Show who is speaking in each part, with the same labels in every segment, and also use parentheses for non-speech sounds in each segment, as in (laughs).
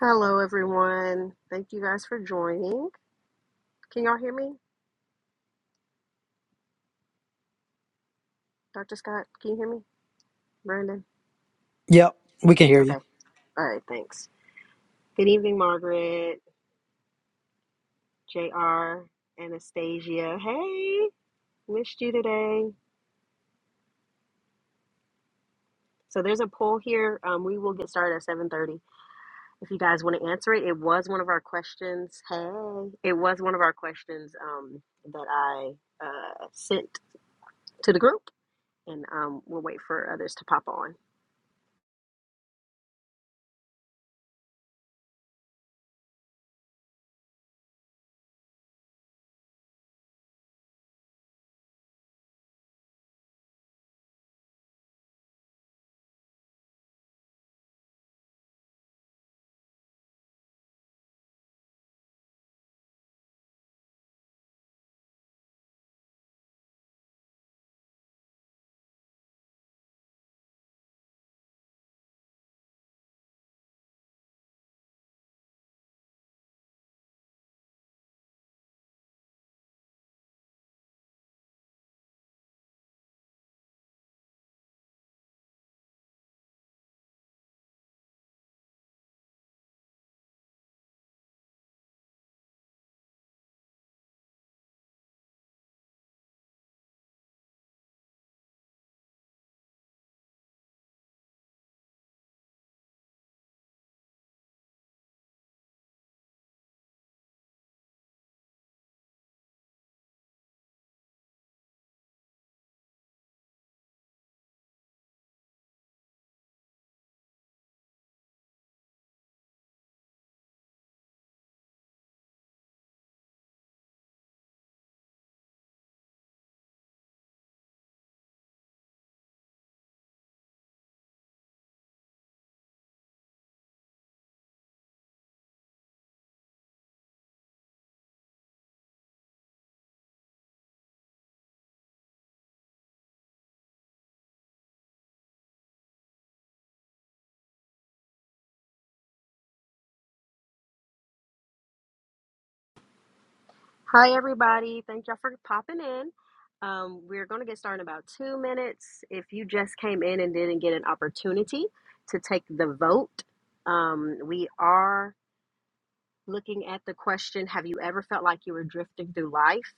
Speaker 1: Hello, everyone. Thank you guys for joining. Can y'all hear me? Dr. Scott, can you hear me? Brandon?
Speaker 2: Yep, we can hear you.
Speaker 1: Okay. All right. Thanks. Good evening, Margaret, JR, Anastasia. Hey, missed you today. So there's a poll here. Um, we will get started at 7:30. If you guys want to answer it, it was one of our questions. Hey, it was one of our questions um, that I uh, sent to the group, and um, we'll wait for others to pop on. Hi, everybody. Thank y'all for popping in. Um, we're going to get started in about two minutes. If you just came in and didn't get an opportunity to take the vote, um, we are looking at the question Have you ever felt like you were drifting through life?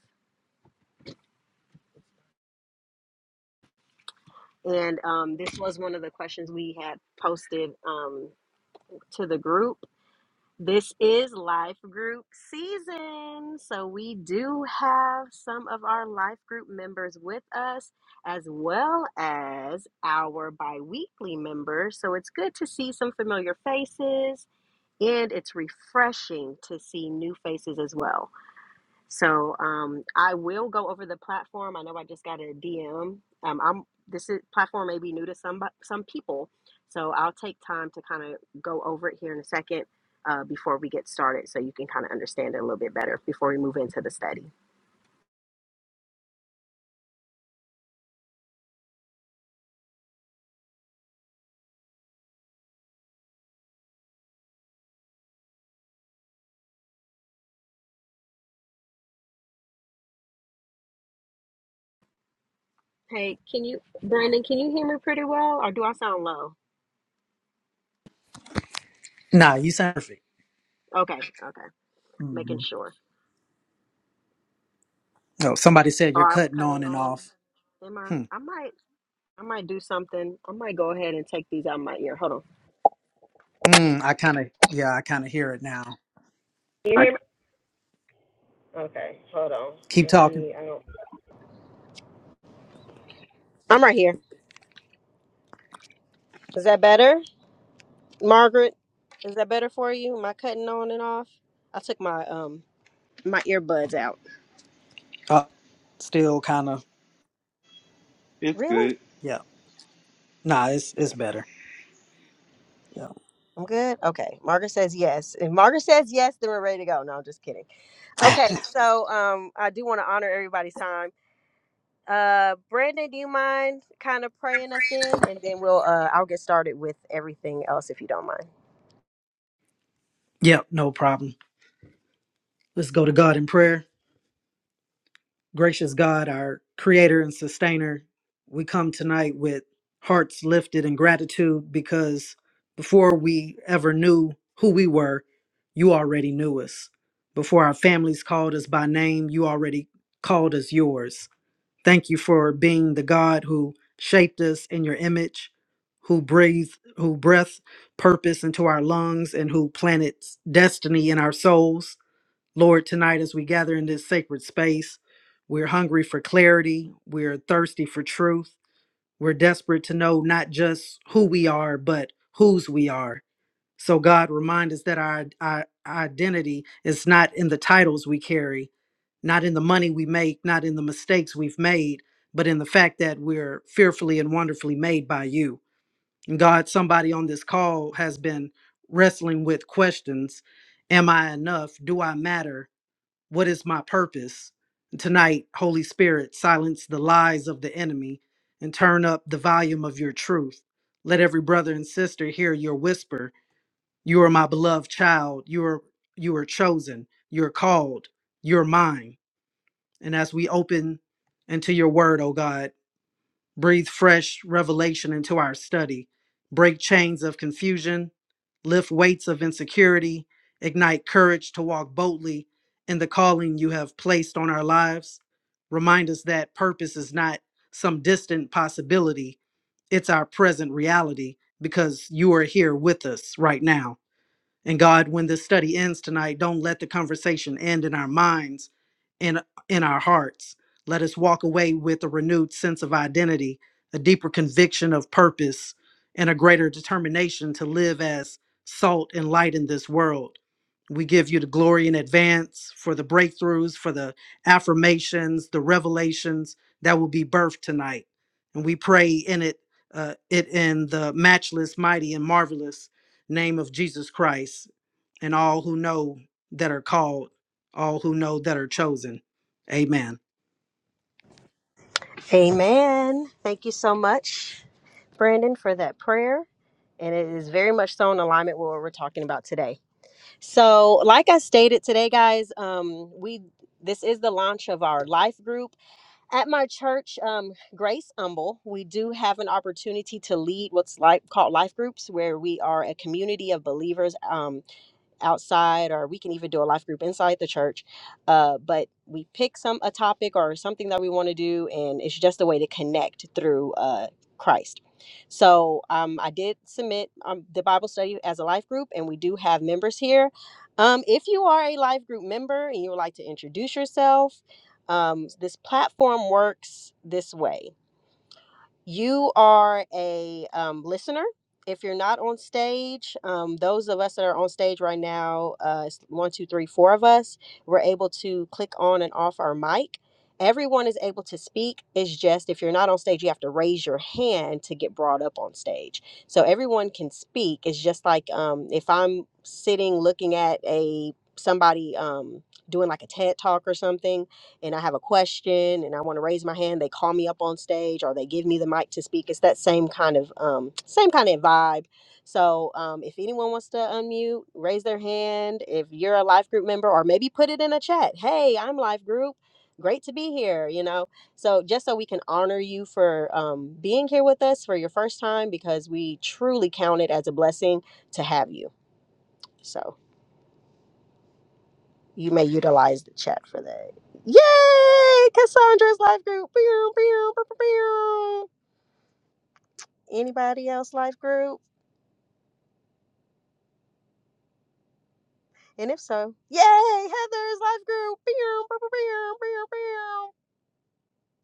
Speaker 1: And um, this was one of the questions we had posted um, to the group. This is life group season. So, we do have some of our life group members with us, as well as our bi weekly members. So, it's good to see some familiar faces, and it's refreshing to see new faces as well. So um, I will go over the platform. I know I just got a DM. Um, I'm this is, platform may be new to some some people, so I'll take time to kind of go over it here in a second uh, before we get started, so you can kind of understand it a little bit better before we move into the study. Hey, can you, Brandon? Can you hear me pretty well, or do I sound low?
Speaker 2: Nah, you sound perfect.
Speaker 1: Okay, okay, making
Speaker 2: hmm
Speaker 1: sure.
Speaker 2: Oh, somebody said you're
Speaker 1: Or I'm
Speaker 2: cutting
Speaker 1: cutting
Speaker 2: on and
Speaker 1: on.
Speaker 2: off.
Speaker 1: Am I?
Speaker 2: Hmm.
Speaker 1: I might. I might do something. I might go ahead and take these out of my ear. Hold on.
Speaker 2: Mm, I kind of, yeah, I kind of hear it now.
Speaker 1: Can you I hear me? Okay, hold on.
Speaker 2: Keep
Speaker 1: Let
Speaker 2: talking.
Speaker 1: me. I don't. I'm right here. Is that better, Margaret? Is that better for you? Am I cutting on and off? I took my um my earbuds out.
Speaker 2: Uh, still kind of,
Speaker 3: It's
Speaker 1: Really?
Speaker 3: good.
Speaker 2: yeah. Nah, it's it's
Speaker 3: Yeah.
Speaker 2: better. Yeah.
Speaker 1: I'm good. Okay. Margaret says yes. If Margaret says yes, then we're ready to go. No, I'm just kidding.
Speaker 2: (laughs) (sighs)
Speaker 1: Okay. So um, I do want to honor everybody's time. Uh, Brandon, do you mind kind of praying us in, and then we'll uh, I'll get started with everything else if you don't mind.
Speaker 2: Yep, no problem. Let's go to God in prayer. Gracious God, our creator and sustainer, we come tonight with hearts lifted in gratitude because before we ever knew who we were, you already knew us. Before our families called us by name, you already called us yours. Thank you for being the God who shaped us in your image, who breathed, who breathed purpose into our lungs, and who planted destiny in our souls. Lord, tonight as we gather in this sacred space, we're hungry for clarity, we're thirsty for truth, we're desperate to know not just who we are, but whose we are. So, God, remind us that our, our identity is not in the titles we carry, not in the money we make, not in the mistakes we've made, but in the fact that we're fearfully and wonderfully made by you. And God, somebody on this call has been wrestling with questions Am I enough? Do I matter? What is my purpose? Tonight, Holy Spirit, silence the lies of the enemy and turn up the volume of your truth. Let every brother and sister hear your whisper. You are my beloved child. You are you are chosen. You're called. You're mine. And as we open into your word, oh God, breathe fresh revelation into our study, break chains of confusion, lift weights of insecurity, ignite courage to walk boldly in the calling you have placed on our lives. Remind us that purpose is not some distant possibility, it's our present reality because you are here with us right now. And God, when this study ends tonight, don't let the conversation end in our minds and in our hearts. Let us walk away with a renewed sense of identity, a deeper conviction of purpose, and a greater determination to live as salt and light in this world. We give you the glory in advance for the breakthroughs, for the affirmations, the revelations that will be birthed tonight. And we pray in it, uh, it in the matchless, mighty, and marvelous name of Jesus Christ and all who know that are called, all who know that are chosen. Amen.
Speaker 1: Amen. Thank you so much, Brandon, for that prayer. And it is very much so in alignment with what we're talking about today. So, like I stated today, guys, um, we this is the launch of our life group. At my church, um, Grace Humble, we do have an opportunity to lead what's like called life groups, where we are a community of believers. Um, outside or we can even do a life group inside the church uh, but we pick some a topic or something that we want to do and it's just a way to connect through uh, christ so um, i did submit um, the bible study as a life group and we do have members here um, if you are a life group member and you would like to introduce yourself um, this platform works this way you are a um, listener. If you're not on stage, um, those of us that are on stage right now, uh, it's one, two, three, four of us, we're able to click on and off our mic. Everyone is able to speak. It's just if you're not on stage, you have to raise your hand to get brought up on stage. So everyone can speak. It's just like um, if I'm sitting looking at a somebody um, doing like a TED talk or something and I have a question and I want to raise my hand, they call me up on stage or they give me the mic to speak. It's that same kind of um, same kind of vibe. So um, if anyone wants to unmute, raise their hand. If you're a life group member, or maybe put it in a chat. Hey, I'm life group. Great to be here. You know, so just so we can honor you for um, being here with us for your first time, because we truly count it as a blessing to have you. So you may utilize the chat for that. Yay! Cassandra's life group. Pew, pew, pew, pew, pew. Anybody else life group? And if so, yay! Heather's life group. Pew, pew, pew, pew, pew, pew.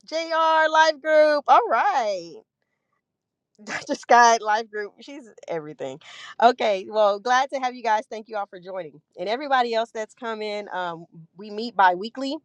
Speaker 1: JR life group. All right. (laughs) Dr. Scott life group. She's everything. Okay. Well, glad to have you guys. Thank you all for joining. And everybody else that's come in, um, we meet bi weekly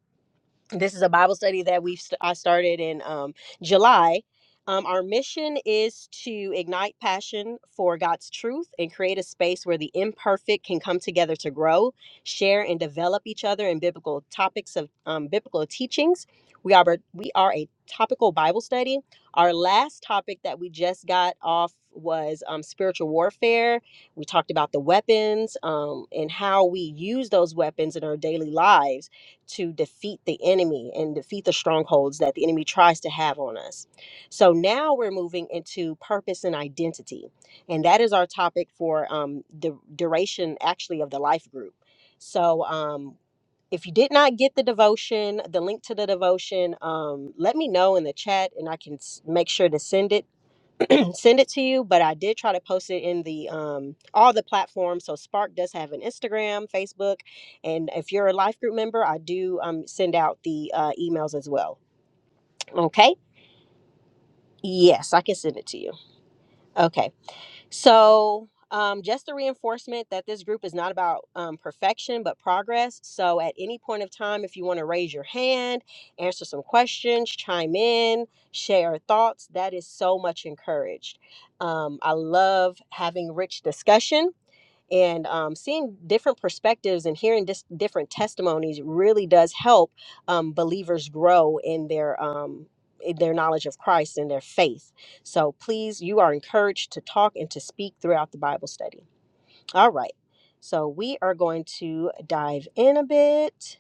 Speaker 1: this is a Bible study that we've st- I started in um, July. Um, our mission is to ignite passion for God's truth and create a space where the imperfect can come together to grow, share, and develop each other in biblical topics of um, biblical teachings. We are we are a topical Bible study. Our last topic that we just got off was um, spiritual warfare. We talked about the weapons um, and how we use those weapons in our daily lives to defeat the enemy and defeat the strongholds that the enemy tries to have on us. So now we're moving into purpose and identity. And that is our topic for um, the duration, actually, of the life group. So um, if you did not get the devotion, the link to the devotion, um, let me know in the chat and I can s- make sure to send it send it to you but i did try to post it in the um all the platforms so spark does have an instagram facebook and if you're a life group member i do um send out the uh, emails as well okay yes i can send it to you okay so, um, just the reinforcement that this group is not about um, perfection but progress. So, at any point of time, if you want to raise your hand, answer some questions, chime in, share thoughts, that is so much encouraged. Um, I love having rich discussion and um, seeing different perspectives and hearing dis- different testimonies really does help um, believers grow in their um, in their knowledge of Christ and their faith. So please, you are encouraged to talk and to speak throughout the Bible study. All right. So we are going to dive in a bit.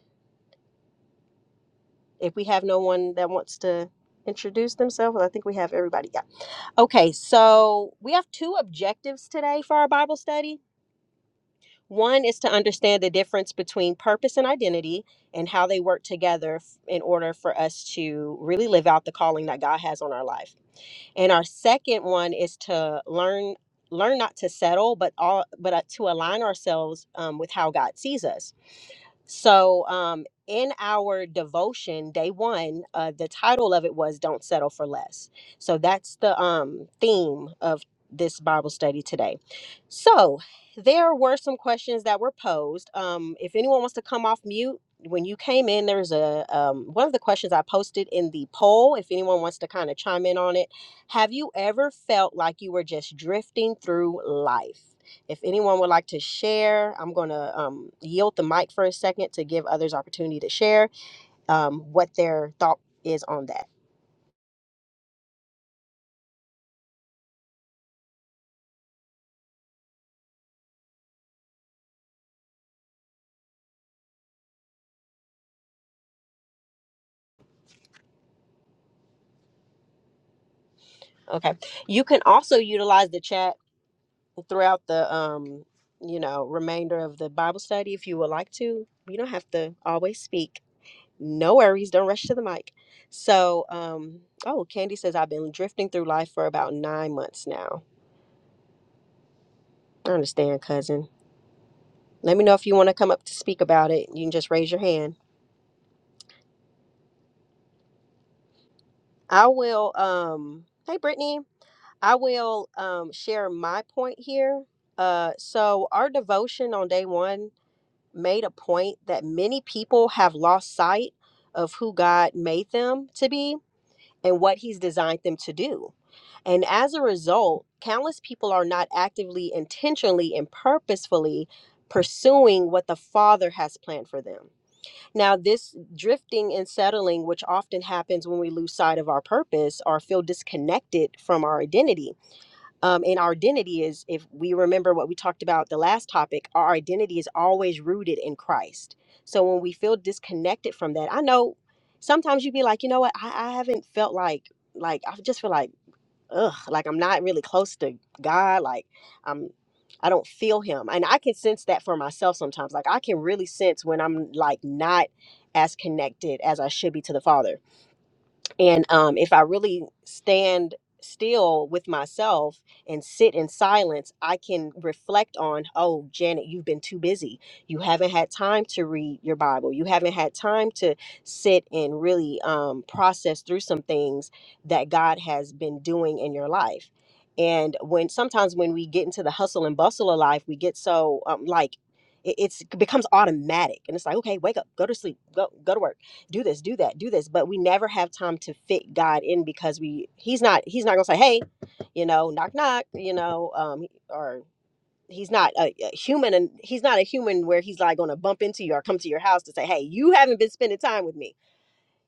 Speaker 1: If we have no one that wants to introduce themselves, I think we have everybody. Yeah. Okay. So we have two objectives today for our Bible study. One is to understand the difference between purpose and identity and how they work together f- in order for us to really live out the calling that God has on our life. And our second one is to learn learn not to settle but all but uh, to align ourselves um, with how God sees us. So, um, in our devotion, day one, uh, the title of it was "Don't Settle for Less." So that's the um, theme of this Bible study today. So, there were some questions that were posed. Um, if anyone wants to come off mute. When you came in, there's a um, one of the questions I posted in the poll. If anyone wants to kind of chime in on it, have you ever felt like you were just drifting through life? If anyone would like to share, I'm going to um, yield the mic for a second to give others opportunity to share um, what their thought is on that. Okay. You can also utilize the chat throughout the um, you know remainder of the Bible study if you would like to. You don't have to always speak. No worries. Don't rush to the mic. So, um, oh, Candy says I've been drifting through life for about nine months now. I understand, cousin. Let me know if you want to come up to speak about it. You can just raise your hand I will um hey Brittany, I will um share my point here. Uh so our devotion on day 1 made a point that many people have lost sight of who God made them to be and what he's designed them to do. And as a result, countless people are not actively, intentionally and purposefully pursuing what the Father has planned for them. Now, this drifting and settling, which often happens when we lose sight of our purpose or feel disconnected from our identity. Um, and our identity is, if we remember what we talked about the last topic, our identity is always rooted in Christ. So when we feel disconnected from that, I know sometimes you'd be like, you know what, I, I haven't felt like, like, I just feel like ugh, like I'm not really close to God. Like I'm, I don't feel Him, and I can sense that for myself sometimes. Like I can really sense when I'm like not as connected as I should be to the Father and um, if I really stand still with myself and sit in silence, I can reflect on, oh, Janet, you've been too busy. You haven't had time to read your Bible. You haven't had time to sit and really um, process through some things that God has been doing in your life. And when sometimes when we get into the hustle and bustle of life, we get so um, like it- it's it becomes automatic, and it's like, okay, wake up, go to sleep, go go to work do this do that do this but we never have time to fit god in because we he's not he's not gonna say hey you know knock knock you know um or he's not a, a human and he's not a human where he's like gonna bump into you or come to your house to say hey you haven't been spending time with me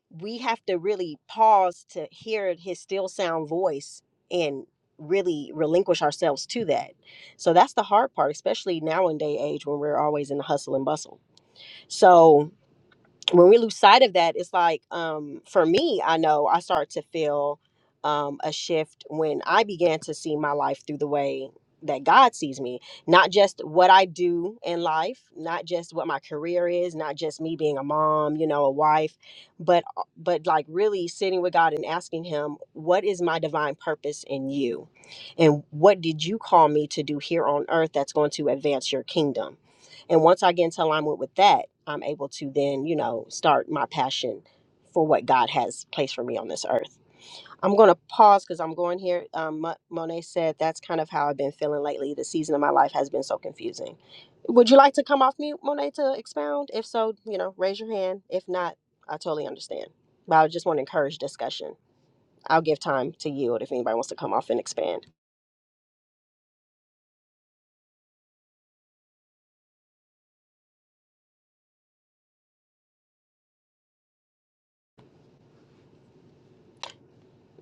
Speaker 1: we have to really pause to hear his still sound voice and really relinquish ourselves to that so that's the hard part especially now in day age when we're always in the hustle and bustle so when we lose sight of that, it's like um, for me, I know I start to feel um, a shift when I began to see my life through the way that God sees me, not just what I do in life, not just what my career is, not just me being a mom, you know, a wife, but uh, but like really sitting with God and asking him, what is my divine purpose in you? And what did you call me to do here on earth that's going to advance your kingdom? And once I get into alignment with that, I'm able to then, you know, start my passion for what God has placed for me on this earth. I'm going to pause because I'm going here. Um, Mo- Monet said that's kind of how I've been feeling lately. The season of my life has been so confusing. Would you like to come off mute, Monet, to expound? If so, you know, raise your hand. If not, I totally understand. But I just want to encourage discussion. I'll give time to yield if anybody wants to come off and expand.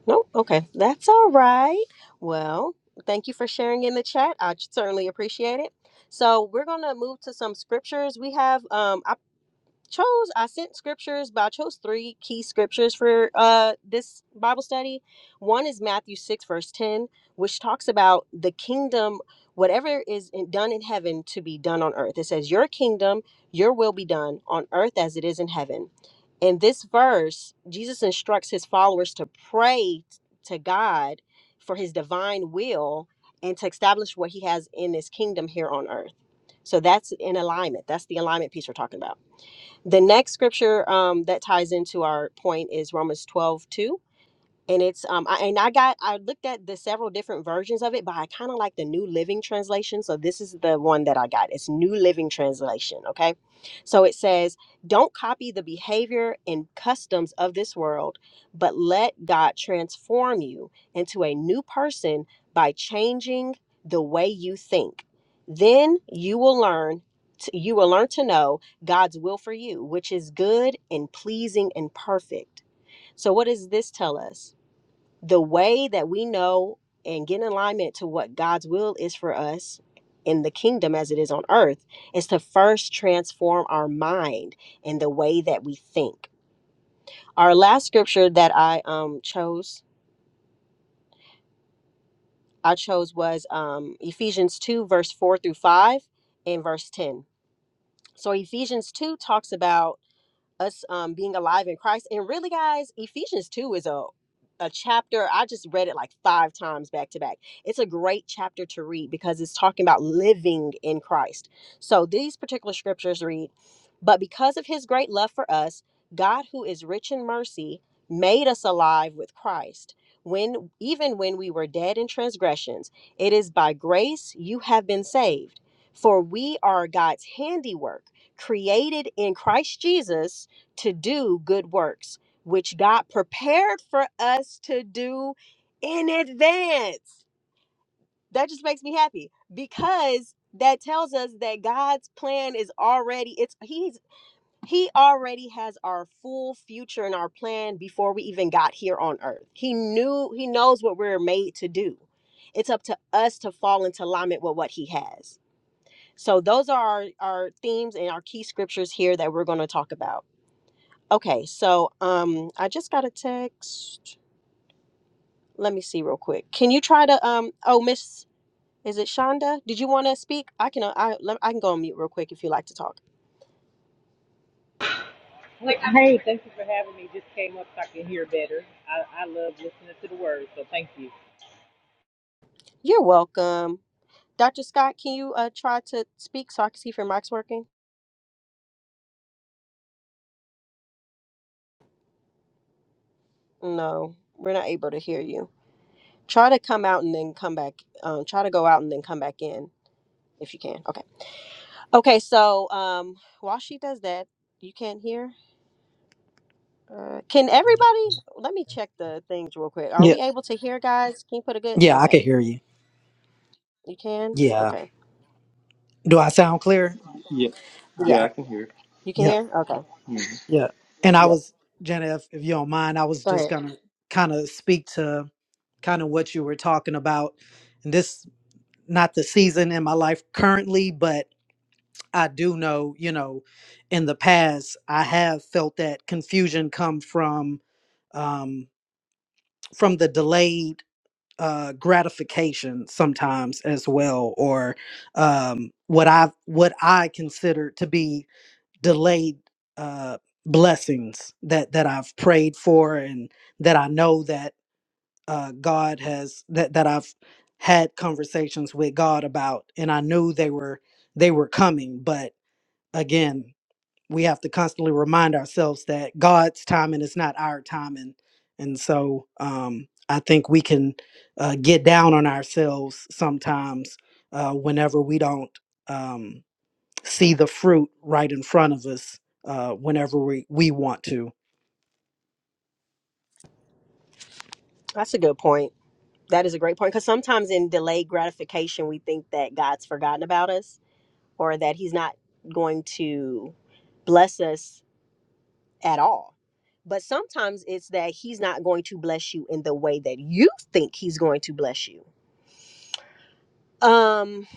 Speaker 1: Nope. Okay. That's all right. Well, thank you for sharing in the chat. I certainly appreciate it. So we're gonna move to some scriptures. We have um I chose I sent scriptures, but I chose three key scriptures for uh this Bible study. One is Matthew 6 verse 10, which talks about the kingdom whatever is in, done in heaven to be done on earth. It says your kingdom, your will be done on earth as it is in heaven. In this verse, Jesus instructs his followers to pray to God for his divine will and to establish what he has in his kingdom here on earth. So that's in alignment. That's the alignment piece we're talking about. The next scripture um, that ties into our point is Romans 12 2 and it's um I, and I got I looked at the several different versions of it, but I kind of like the New Living Translation. So this is the one that I got. It's New Living Translation, okay? So it says, "Don't copy the behavior and customs of this world, but let God transform you into a new person by changing the way you think. Then you will learn to, you will learn to know God's will for you, which is good and pleasing and perfect." So what does this tell us? the way that we know and get in alignment to what God's will is for us in the kingdom as it is on earth is to first transform our mind and the way that we think. Our last scripture that I um chose I chose was um Ephesians 2 verse 4 through 5 and verse 10. So Ephesians 2 talks about us um, being alive in Christ. And really, guys, Ephesians 2 is a, a chapter. I just read it like five times back to back. It's a great chapter to read because it's talking about living in Christ. So these particular scriptures read, But because of his great love for us, God, who is rich in mercy, made us alive with Christ. When even when we were dead in transgressions, it is by grace you have been saved. For we are God's handiwork, created in Christ Jesus to do good works, which God prepared for us to do in advance. That just makes me happy because that tells us that God's plan is already it's he's he already has our full future and our plan before we even got here on earth. He knew he knows what we're made to do. It's up to us to fall into alignment with what he has. So those are our, our themes and our key scriptures here that we're going to talk about. Okay, so um I just got a text. Let me see real quick. Can you try to um oh Miss is it Shonda? Did you want to speak? I can uh, I let, I can go on mute real quick if you like to talk.
Speaker 4: Hey, hey, thank you for having me. Just came up so I can hear better. I, I love listening to the words, so thank you.
Speaker 1: You're welcome. Dr. Scott, can you uh try to speak so I can see if your mic's working? No, we're not able to hear you. Try to come out and then come back. Um try to go out and then come back in if you can. Okay. Okay, so um while she does that, you can't hear? Uh, can everybody? Let me check the things real quick. Are
Speaker 2: Yeah,
Speaker 1: we able to hear, guys? Can you put a good?
Speaker 2: yeah, I can
Speaker 1: Okay,
Speaker 2: hear you.
Speaker 1: you can.
Speaker 2: Yeah.
Speaker 1: Okay,
Speaker 2: Do I sound clear?
Speaker 3: Yeah. Yeah,
Speaker 1: yeah,
Speaker 3: I can hear.
Speaker 1: you can
Speaker 2: Yeah,
Speaker 1: hear. Okay,
Speaker 3: Mhm.
Speaker 2: yeah. And I
Speaker 1: yes.
Speaker 2: was, Jenna, if, if you don't mind, I was
Speaker 1: Go
Speaker 2: just
Speaker 1: ahead.
Speaker 2: gonna kind of speak to kind of what you were talking about. And this not the season in my life currently, but I do know, you know, in the past I have felt that confusion come from um from the delayed uh, gratification sometimes as well, or um, what I what I consider to be delayed uh, blessings that that I've prayed for and that I know that uh, God has that that I've had conversations with God about, and I knew they were they were coming, but again we have to constantly remind ourselves that God's timing is not our timing. And so um, I think we can uh, get down on ourselves sometimes uh, whenever we don't um, see the fruit right in front of us uh, whenever we, we want to.
Speaker 1: That's a good point. That is a great point because sometimes in delayed gratification, we think that God's forgotten about us or that He's not going to bless us at all. But sometimes it's that He's not going to bless you in the way that you think He's going to bless you. Um,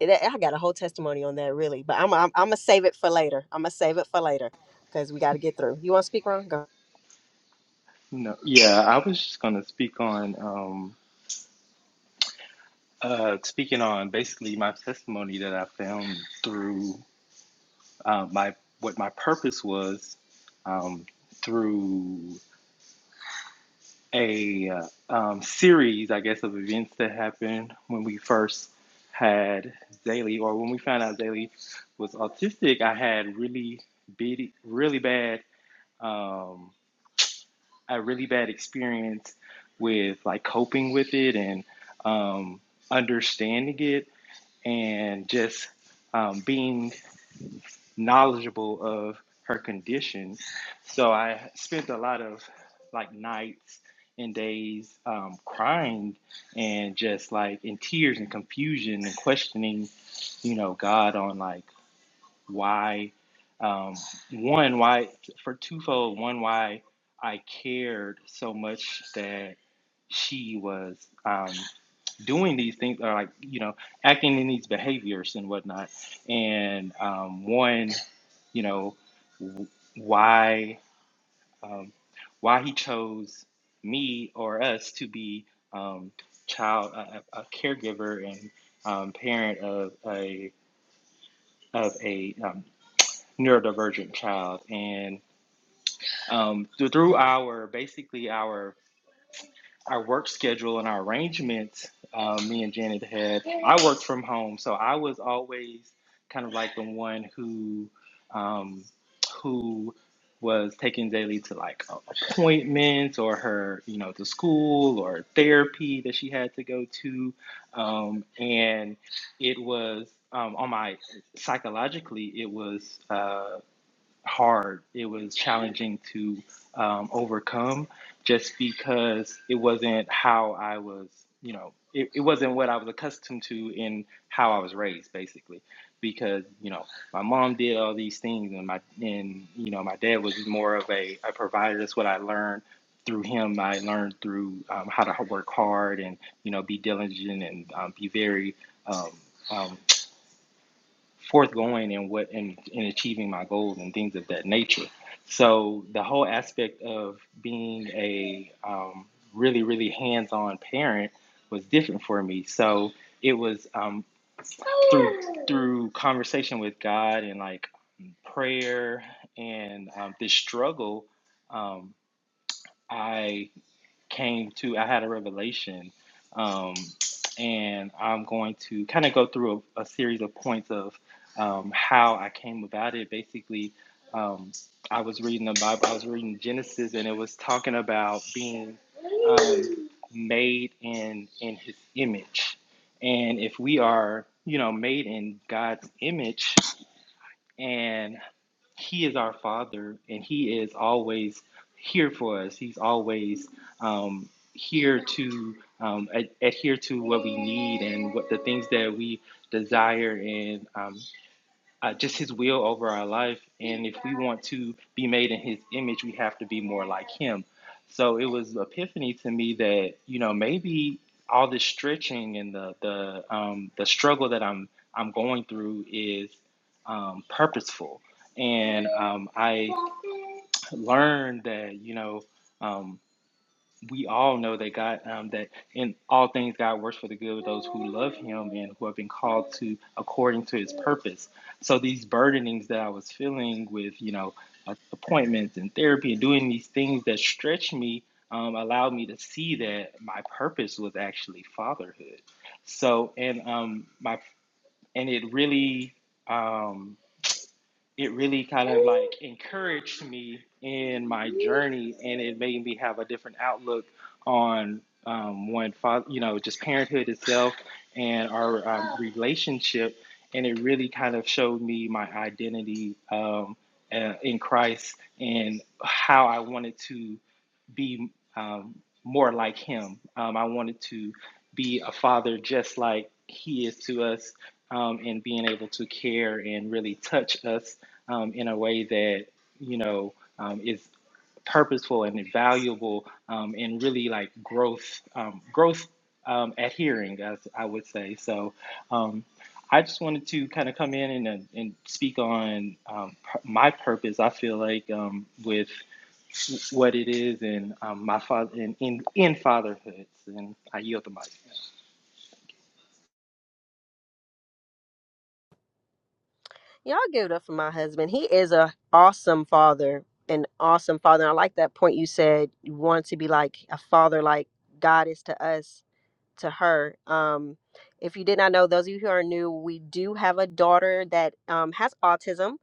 Speaker 1: That- I got a whole testimony on that, really, but I'm I'm, I'm gonna save it for later. I'm gonna save it for later because we got to get through. You want to speak, Ron? Go.
Speaker 3: No. Yeah, I was just gonna speak on um uh speaking on basically my testimony that I found through uh, my what my purpose was um through a uh, um series I guess of events that happened when we first had Daily or when we found out Daily was autistic, I had really big really bad Um, a really bad experience with like coping with it and um, understanding it and just um, being knowledgeable of her condition. So I spent a lot of like nights and days um, crying and just like in tears and confusion and questioning, you know, God on like why um, one why for twofold one why i cared so much that she was um, doing these things or like you know acting in these behaviors and whatnot and um, one you know w- why um, why he chose me or us to be um, child a, a a caregiver and um, parent of a of a um, neurodivergent child and um, through our basically our our work schedule and our arrangements um, me and janet had i worked from home so i was always kind of like the one who um, who was taking Zaylee to like a- appointments or her, you know, to school or therapy that she had to go to. Um, and it was um, on my psychologically, it was. Uh, hard. It was challenging to um, overcome just because it wasn't how I was, you know, it, it wasn't what I was accustomed to in how I was raised, basically. Because, you know, my mom did all these things and my, and, you know, my dad was more of a, a provider. That's what I learned through him. I learned through um, how to work hard and, you know, be diligent and um, be very, um, um, forthgoing in what in, in achieving my goals and things of that nature. So the whole aspect of being a um, really really hands-on parent was different for me. So it was um, through through conversation with God and like prayer and um, this struggle. Um, I came to, I had a revelation, um, and I'm going to kind of go through a, a series of points of um, how I came about it. Basically, um, I was reading the Bible, I was reading Genesis, and it was talking about being um, made in in His image, and if we are, you know, made in God's image, and he is our Father, and He is always here for us. He's always um, here to um, ad- adhere to what we need and what the things that we desire and um, uh, just his will over our life. And if we want to be made in his image, we have to be more like him. So it was an epiphany to me that, you know, maybe all this stretching and the, the, um, the struggle that I'm, I'm going through is um, purposeful. And um, I learned that, you know, um, we all know that God, um, that in all things God works for the good of those who love Him and who have been called to according to His purpose. So these burdenings that I was feeling with, you know, uh, appointments and therapy and doing these things that stretch me, um, allowed me to see that my purpose was actually fatherhood. So and um, my and it really. Um, it really kind of like encouraged me in my journey and it made me have a different outlook on um, one father you know just parenthood itself and our um, relationship and it really kind of showed me my identity um, uh, in christ and how i wanted to be um, more like him. Um, I wanted to be a father just like he is to us, um, and being able to care and really touch us um, in a way that you know um, is purposeful and valuable, um, and really like growth, um, growth um, adhering, as I would say. So. Um, I just wanted to kind of come in and, and speak on um, pur- my purpose. I feel like um, with what it is and um, my father and in, in fatherhoods and I yield the mic.
Speaker 1: Y'all give it up for my husband. He is a awesome father, an awesome father. And I like that point you said. You want to be like a father, like God is to us. to her. Um, if you did not know, those of you who are new, we do have a daughter that um, has autism,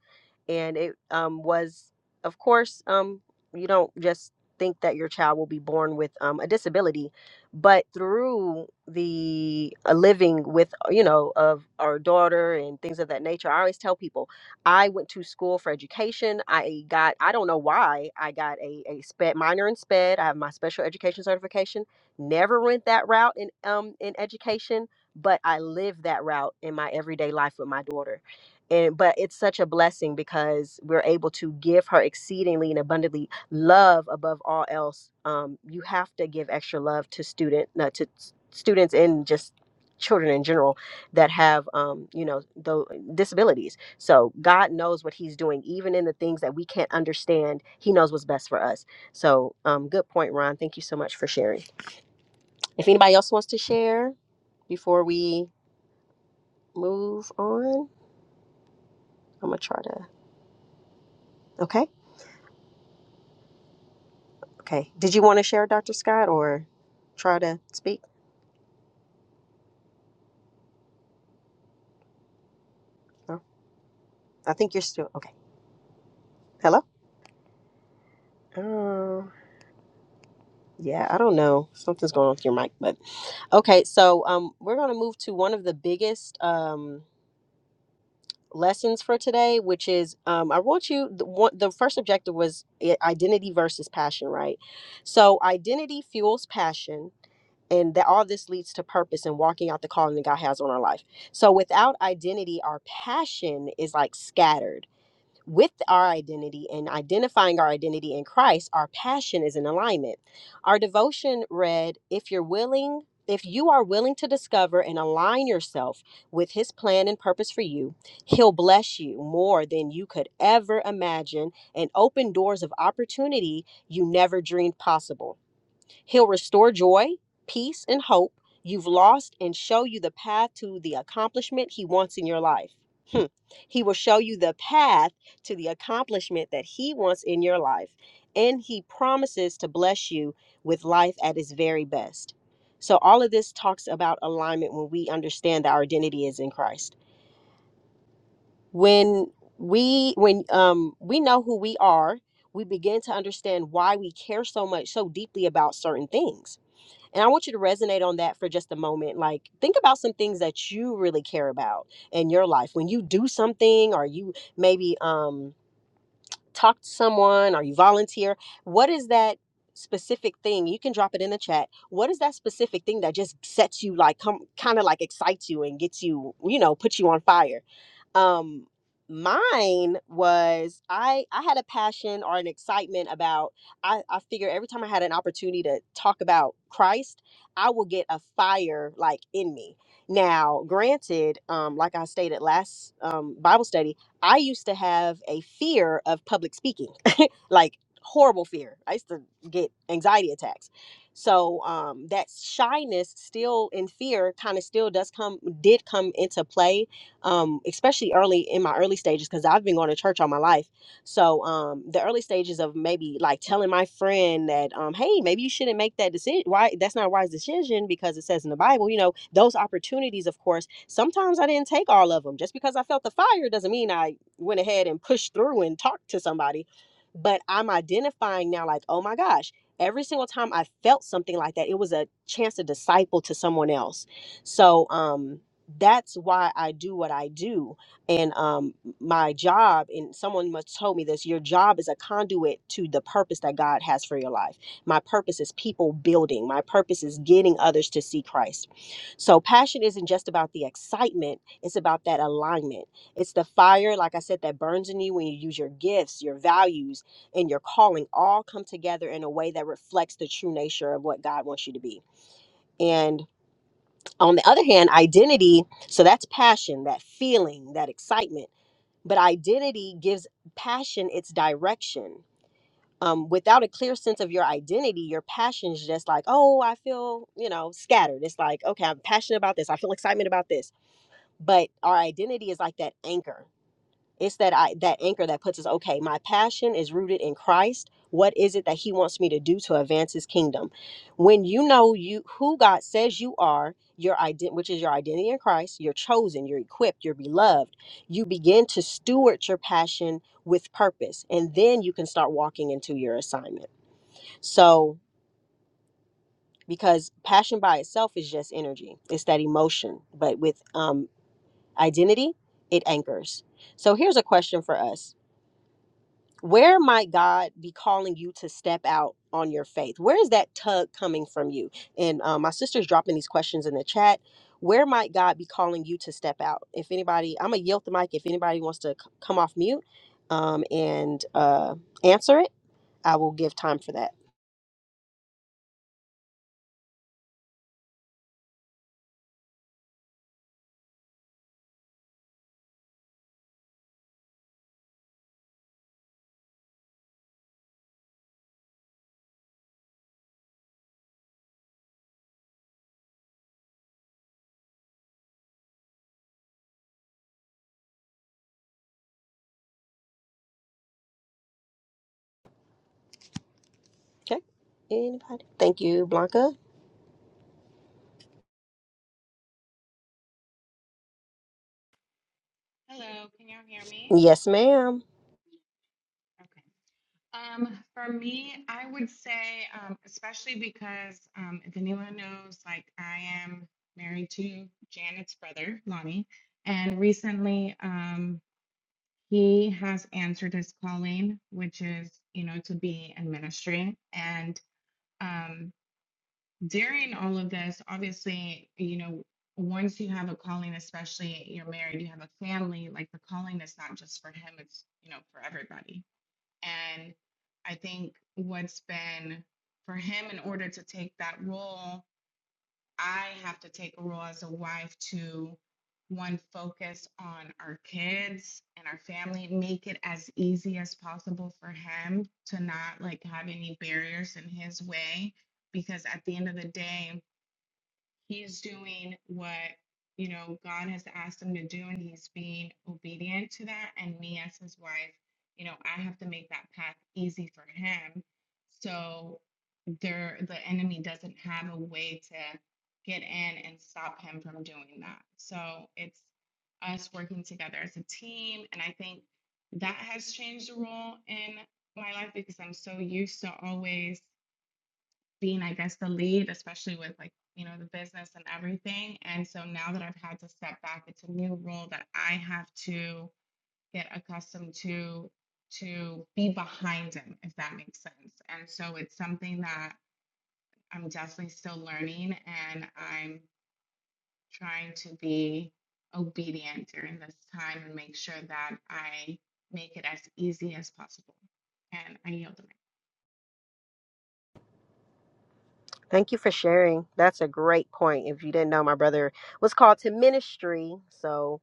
Speaker 1: and it um, was, of course, um, you don't just think that your child will be born with um, a disability, but through the uh, living with, uh, you know, of our daughter and things of that nature, I always tell people, I went to school for education. I got, I don't know why, I got a, a SPED minor in SPED. I have my special education certification Never went that route in um in education, but I live that route in my everyday life with my daughter. And but it's such a blessing because we're able to give her exceedingly and abundantly love above all else. Um, you have to give extra love to student no, to s- students and just children in general that have um, you know the disabilities. So God knows what He's doing, even in the things that we can't understand. He knows what's best for us. So, um, good point, Ron. Thank you so much for sharing. If anybody else wants to share before we move on, I'm gonna try to. Okay. Okay. Did you want to share, Dr. Scott, or try to speak? No. I think you're still okay. Hello. Um. Yeah. I don't know. Something's going on with your mic, but okay. So um, we're gonna move to one of the biggest um lessons for today, which is um, I want you. The, one, the first objective was i- identity versus passion, right? So identity fuels passion and that all this leads to purpose and walking out the calling that God has on our life. So without identity, our passion is like scattered. With our identity and identifying our identity in Christ, our passion is in alignment. Our devotion read, if you're willing, if you are willing to discover and align yourself with his plan and purpose for you, he'll bless you more than you could ever imagine and open doors of opportunity you never dreamed possible. He'll restore joy, peace, and hope you've lost and show you the path to the accomplishment He wants in your life. Hmm. He will show you the path to the accomplishment that He wants in your life. And He promises to bless you with life at His very best. So, all of this talks about alignment when we understand that our identity is in Christ. When we when um we know who we are we begin to understand why we care so much so deeply about certain things and I want you to resonate on that for just a moment. Like, think about some things that you really care about in your life. When you do something, or you maybe, um, talk to someone or you volunteer, what is that specific thing? You can drop it in the chat. What is that specific thing that just sets you like come kind of like excites you and gets you, you know, puts you on fire? Um mine was I I had a passion or an excitement about I I figure every time I had an opportunity to talk about Christ, I will get a fire like in me. Now, granted, um like I stated last um Bible study, I used to have a fear of public speaking, (laughs) like horrible fear. I used to get anxiety attacks. So um, that shyness, still and fear, kind of still does come did come into play, um, especially early in my early stages because I've been going to church all my life. So um, the early stages of maybe like telling my friend that, um, hey, maybe you shouldn't make that decision. Why that's not a wise decision because it says in the Bible. You know, those opportunities, of course, sometimes I didn't take all of them. Just because I felt the fire doesn't mean I went ahead and pushed through and talked to somebody but i'm identifying now like oh my gosh every single time i felt something like that it was a chance to disciple to someone else so um that's why i do what i do and um my job and someone must told me this your job is a conduit to the purpose that god has for your life my purpose is people building my purpose is getting others to see christ so passion isn't just about the excitement it's about that alignment it's the fire, like I said, that burns in you when you use your gifts, your values, and your calling all come together in a way that reflects the true nature of what God wants you to be. And on the other hand, identity, so that's passion, that feeling, that excitement. But identity gives passion its direction. Um, without a clear sense of your identity, your passion is just like, oh, I feel, you know, scattered. It's like, okay, I'm passionate about this. I feel excitement about this. But our identity is like that anchor it's that i that anchor that puts us okay my passion is rooted in christ what is it that he wants me to do to advance his kingdom when you know you who god says you are your ident which is your identity in christ you're chosen you're equipped you're beloved you begin to steward your passion with purpose and then you can start walking into your assignment so because passion by itself is just energy it's that emotion but with um, identity it anchors so here's a question for us where might God be calling you to step out on your faith? Where is that tug coming from you? And um, my sister's dropping these questions in the chat. Where might God be calling you to step out? If anybody, I'm gonna yield the mic. If anybody wants to c- come off mute um, and uh, answer it, I will give time for that. Okay. Anybody? Thank you, Blanca.
Speaker 5: Hello, can you all hear me?
Speaker 1: Yes, ma'am.
Speaker 5: Okay. Um, for me, I would say, um, especially because um, if anyone knows, like I am married to Janet's brother, Lonnie, and recently um, he has answered his calling, which is, you know, to be in ministry. And um, during all of this, obviously, you know, once you have a calling, especially you're married, you have a family, like the calling is not just for him, it's, you know, for everybody And I think what's been for him, in order to take that role, I have to take a role as a wife to one, focus on our kids and our family, make it as easy as possible for him to not like have any barriers in his way. Because at the end of the day, He's doing what you know God has asked him to do, and he's being obedient to that. And me as his wife, you know, I have to make that path easy for him. So there the enemy doesn't have a way to get in and stop him from doing that. So it's us working together as a team. And I think that has changed the role in my life because I'm so used to always being i guess the lead especially with like you know the business and everything and so now that i've had to step back it's a new role that i have to get accustomed to to be behind him if that makes sense and so it's something that i'm definitely still learning and i'm trying to be obedient during this time and make sure that i make it as easy as possible and i yield the mic
Speaker 1: Thank you for sharing. That's a great point. If you didn't know, my brother was called to ministry, so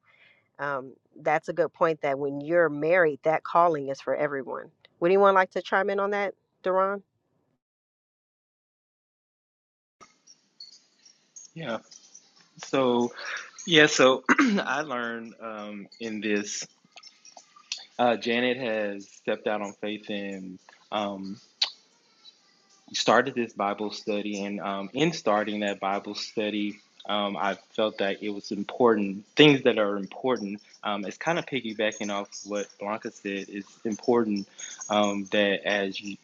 Speaker 1: Um, that's a good point that when you're married, that calling is for everyone. Would anyone like to chime in on that, Duran?
Speaker 3: Yeah. So yeah. So (clears throat) I learned um, in this. Uh, Janet has stepped out on faith and um, started this Bible study. And um, in starting that Bible study, um, I felt that it was important. Things that are important. Um, it's kind of piggybacking off what Blanca said. It's important um, that as you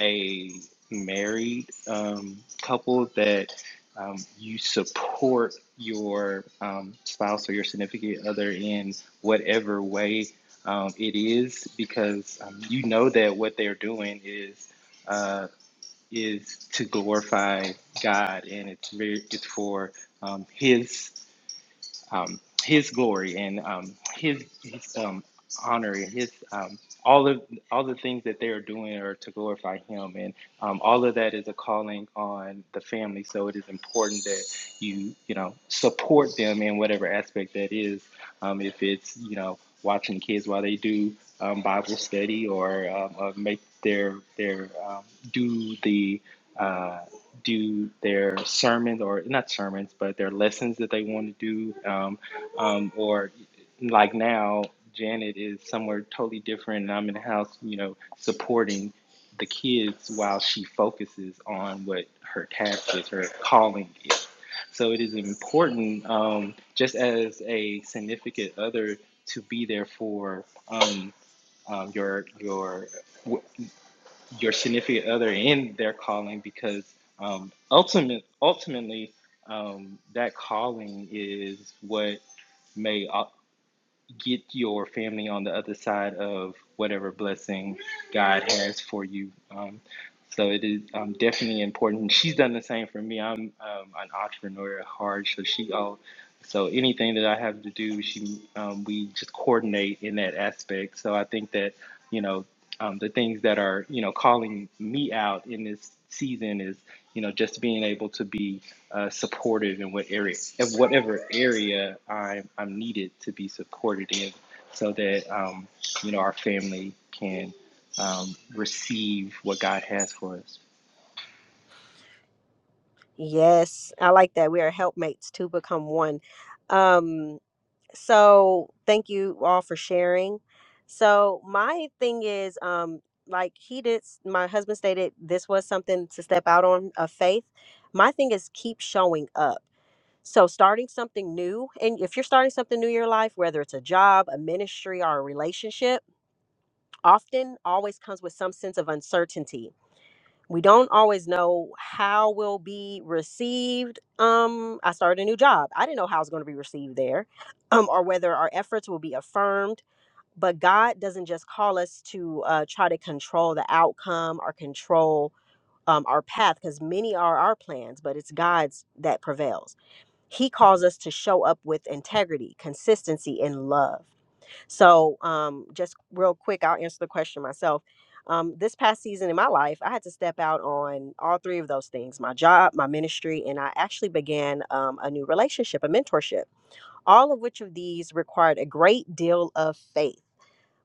Speaker 3: a married um, couple that um, you support your um, spouse or your significant other in whatever way um, it is, because um, you know that what they're doing is uh, is to glorify God, and it's very, it's for um, His um, His glory and um, His, his um, honor, and His um, all of all the things that they are doing are to glorify Him, and um, all of that is a calling on the family. So it is important that you you know support them in whatever aspect that is. Um, if it's you know watching kids while they do um, Bible study or um, uh, make their their um, do the uh, do their sermons or not sermons, but their lessons that they want to do. Um, um, or like now, Janet is somewhere totally different, and I'm in the house, you know, supporting the kids while she focuses on what her task is, her calling is. So it is important, um, just as a significant other, to be there for um, um, your your your significant other in their calling because um, ultimate, ultimately, um, that calling is what may uh, get your family on the other side of whatever blessing God has for you. Um, so it is um, definitely important. She's done the same for me. I'm um, an entrepreneur at heart, so she all so anything that I have to do, she um, we just coordinate in that aspect. So I think that you know um, the things that are you know calling me out in this season is you know, just being able to be uh, supportive in what area, in whatever area I'm, I'm needed to be supported in, so that um, you know our family can um, receive what God has for us.
Speaker 1: Yes, I like that. We are helpmates to become one. Um, so thank you all for sharing. So my thing is, um, like he did, my husband stated this was something to step out on of faith. My thing is keep showing up. So starting something new, and if you're starting something new in your life, whether it's a job, a ministry, or a relationship often always comes with some sense of uncertainty. We don't always know how we'll be received. Um, I started a new job. I didn't know how I was going to be received there, um, or whether our efforts will be affirmed. But God doesn't just call us to uh, try to control the outcome or control um, our path, because many are our plans, but it's God's that prevails. He calls us to show up with integrity, consistency, and love. So, um, just real quick, I'll answer the question myself. Um, this past season in my life, I had to step out on all three of those things my job, my ministry, and I actually began um, a new relationship, a mentorship, all of which of these required a great deal of faith.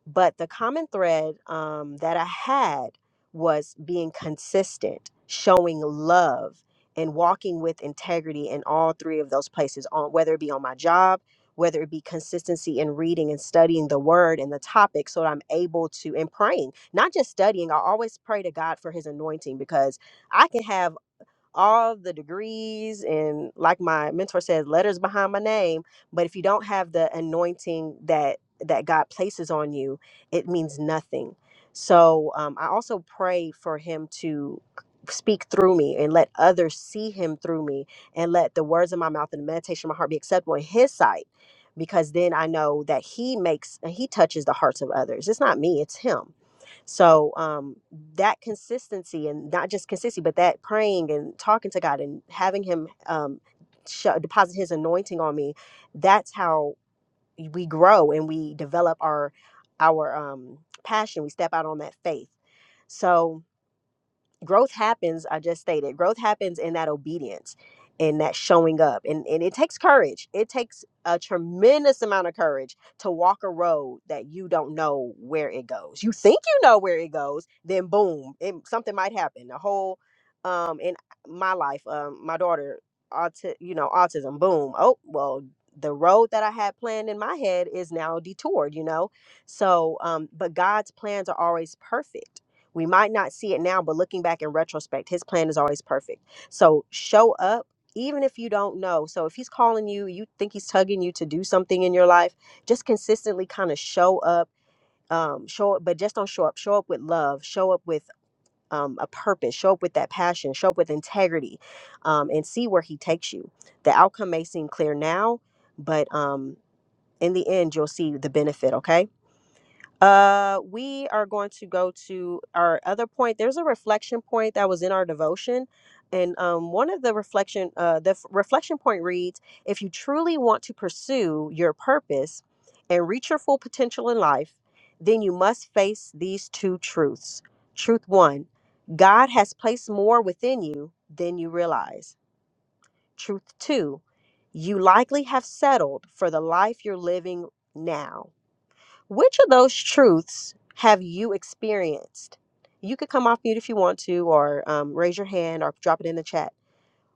Speaker 1: But the common thread um, that I had was being consistent, showing love, and walking with integrity in all three of those places, on whether it be on my job, whether it be consistency in reading and studying the word and the topic, so that I'm able to and praying, not just studying. I always pray to God for His anointing because I can have all the degrees and like my mentor says letters behind my name but if you don't have the anointing that that god places on you it means nothing so um, i also pray for him to speak through me and let others see him through me and let the words of my mouth and the meditation of my heart be acceptable in his sight because then i know that he makes and he touches the hearts of others it's not me it's him so um that consistency and not just consistency, but that praying and talking to God and having Him um, sh- deposit His anointing on me, that's how we grow and we develop our our um, passion. We step out on that faith. So growth happens i just stated growth happens in that obedience and that showing up and, and it takes courage it takes a tremendous amount of courage to walk a road that you don't know where it goes you think you know where it goes then boom it, something might happen the whole um in my life um my daughter auti- you know autism boom oh well the road that i had planned in my head is now detoured you know so um but god's plans are always perfect we might not see it now, but looking back in retrospect, his plan is always perfect. So show up even if you don't know. So if he's calling you, you think he's tugging you to do something in your life, just consistently kind of show up, um, show up, but just don't show up. Show up with love, show up with um, a purpose, show up with that passion, show up with integrity, um, and see where he takes you. The outcome may seem clear now, but um, in the end, you'll see the benefit, okay? Uh, we are going to go to our other point. There's a reflection point that was in our devotion, and um, one of the reflection, uh, the f- reflection point reads: If you truly want to pursue your purpose and reach your full potential in life, then you must face these two truths. Truth one: God has placed more within you than you realize. Truth two: You likely have settled for the life you're living now. Which of those truths have you experienced? You could come off mute if you want to, or um, raise your hand, or drop it in the chat.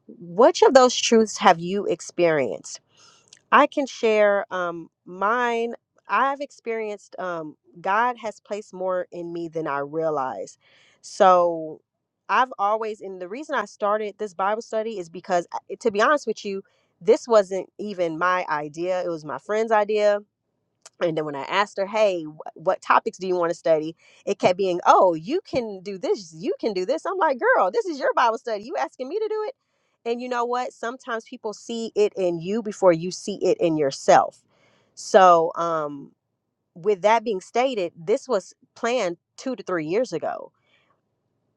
Speaker 1: Which of those truths have you experienced? I can share um, mine. I've experienced um, God has placed more in me than I realize. So I've always, and the reason I started this Bible study is because, uh, to be honest with you, this wasn't even my idea. It was my friend's idea and then when I asked her, hey, wh- what topics do you want to study? It kept being, oh, you can do this, you can do this. I'm like, girl, this is your Bible study. You asking me to do it? And you know what? Sometimes people see it in you before you see it in yourself. So, um, with that being stated, this was planned two to three years ago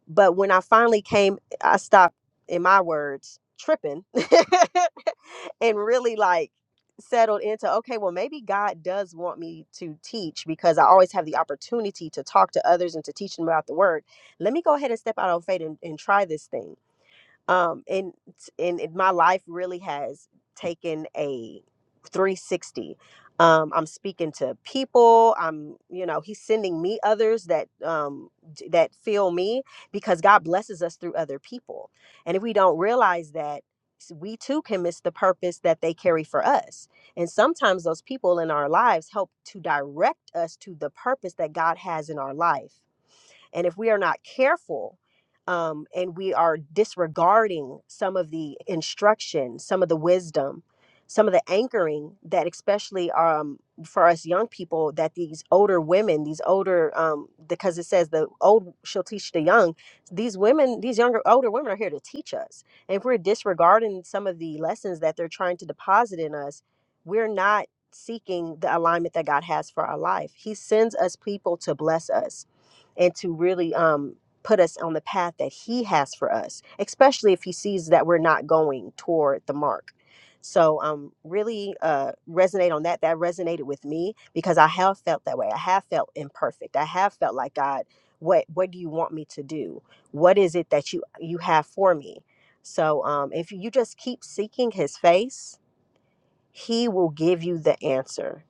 Speaker 1: but when I finally came, I stopped, in my words, tripping (laughs) and really like settled into okay, well, maybe God does want me to teach because I always have the opportunity to talk to others and to teach them about the word. Let me go ahead and step out on faith and, and try this thing um and and it, my life really has taken a 360 um i'm speaking to people i'm you know he's sending me others that um d- that feel me because god blesses us through other people and if we don't realize that s- we too can miss the purpose that they carry for us and sometimes those people in our lives help to direct us to the purpose that god has in our life and if we are not careful um, and we are disregarding some of the instruction, some of the wisdom, some of the anchoring that, especially um, for us young people, that these older women, these older, um, because it says the old shall teach the young, these women, these younger, older women are here to teach us. And if we're disregarding some of the lessons that they're trying to deposit in us, we're not seeking the alignment that God has for our life. He sends us people to bless us and to really um, put us on the path that He has for us, especially if He sees that we're not going toward the mark. So, um, really uh, resonate on that. That resonated with me because I have felt that way. I have felt imperfect. I have felt like God, what what do you want me to do? What is it that you you have for me? So, um, if you just keep seeking His face he will give you the answer.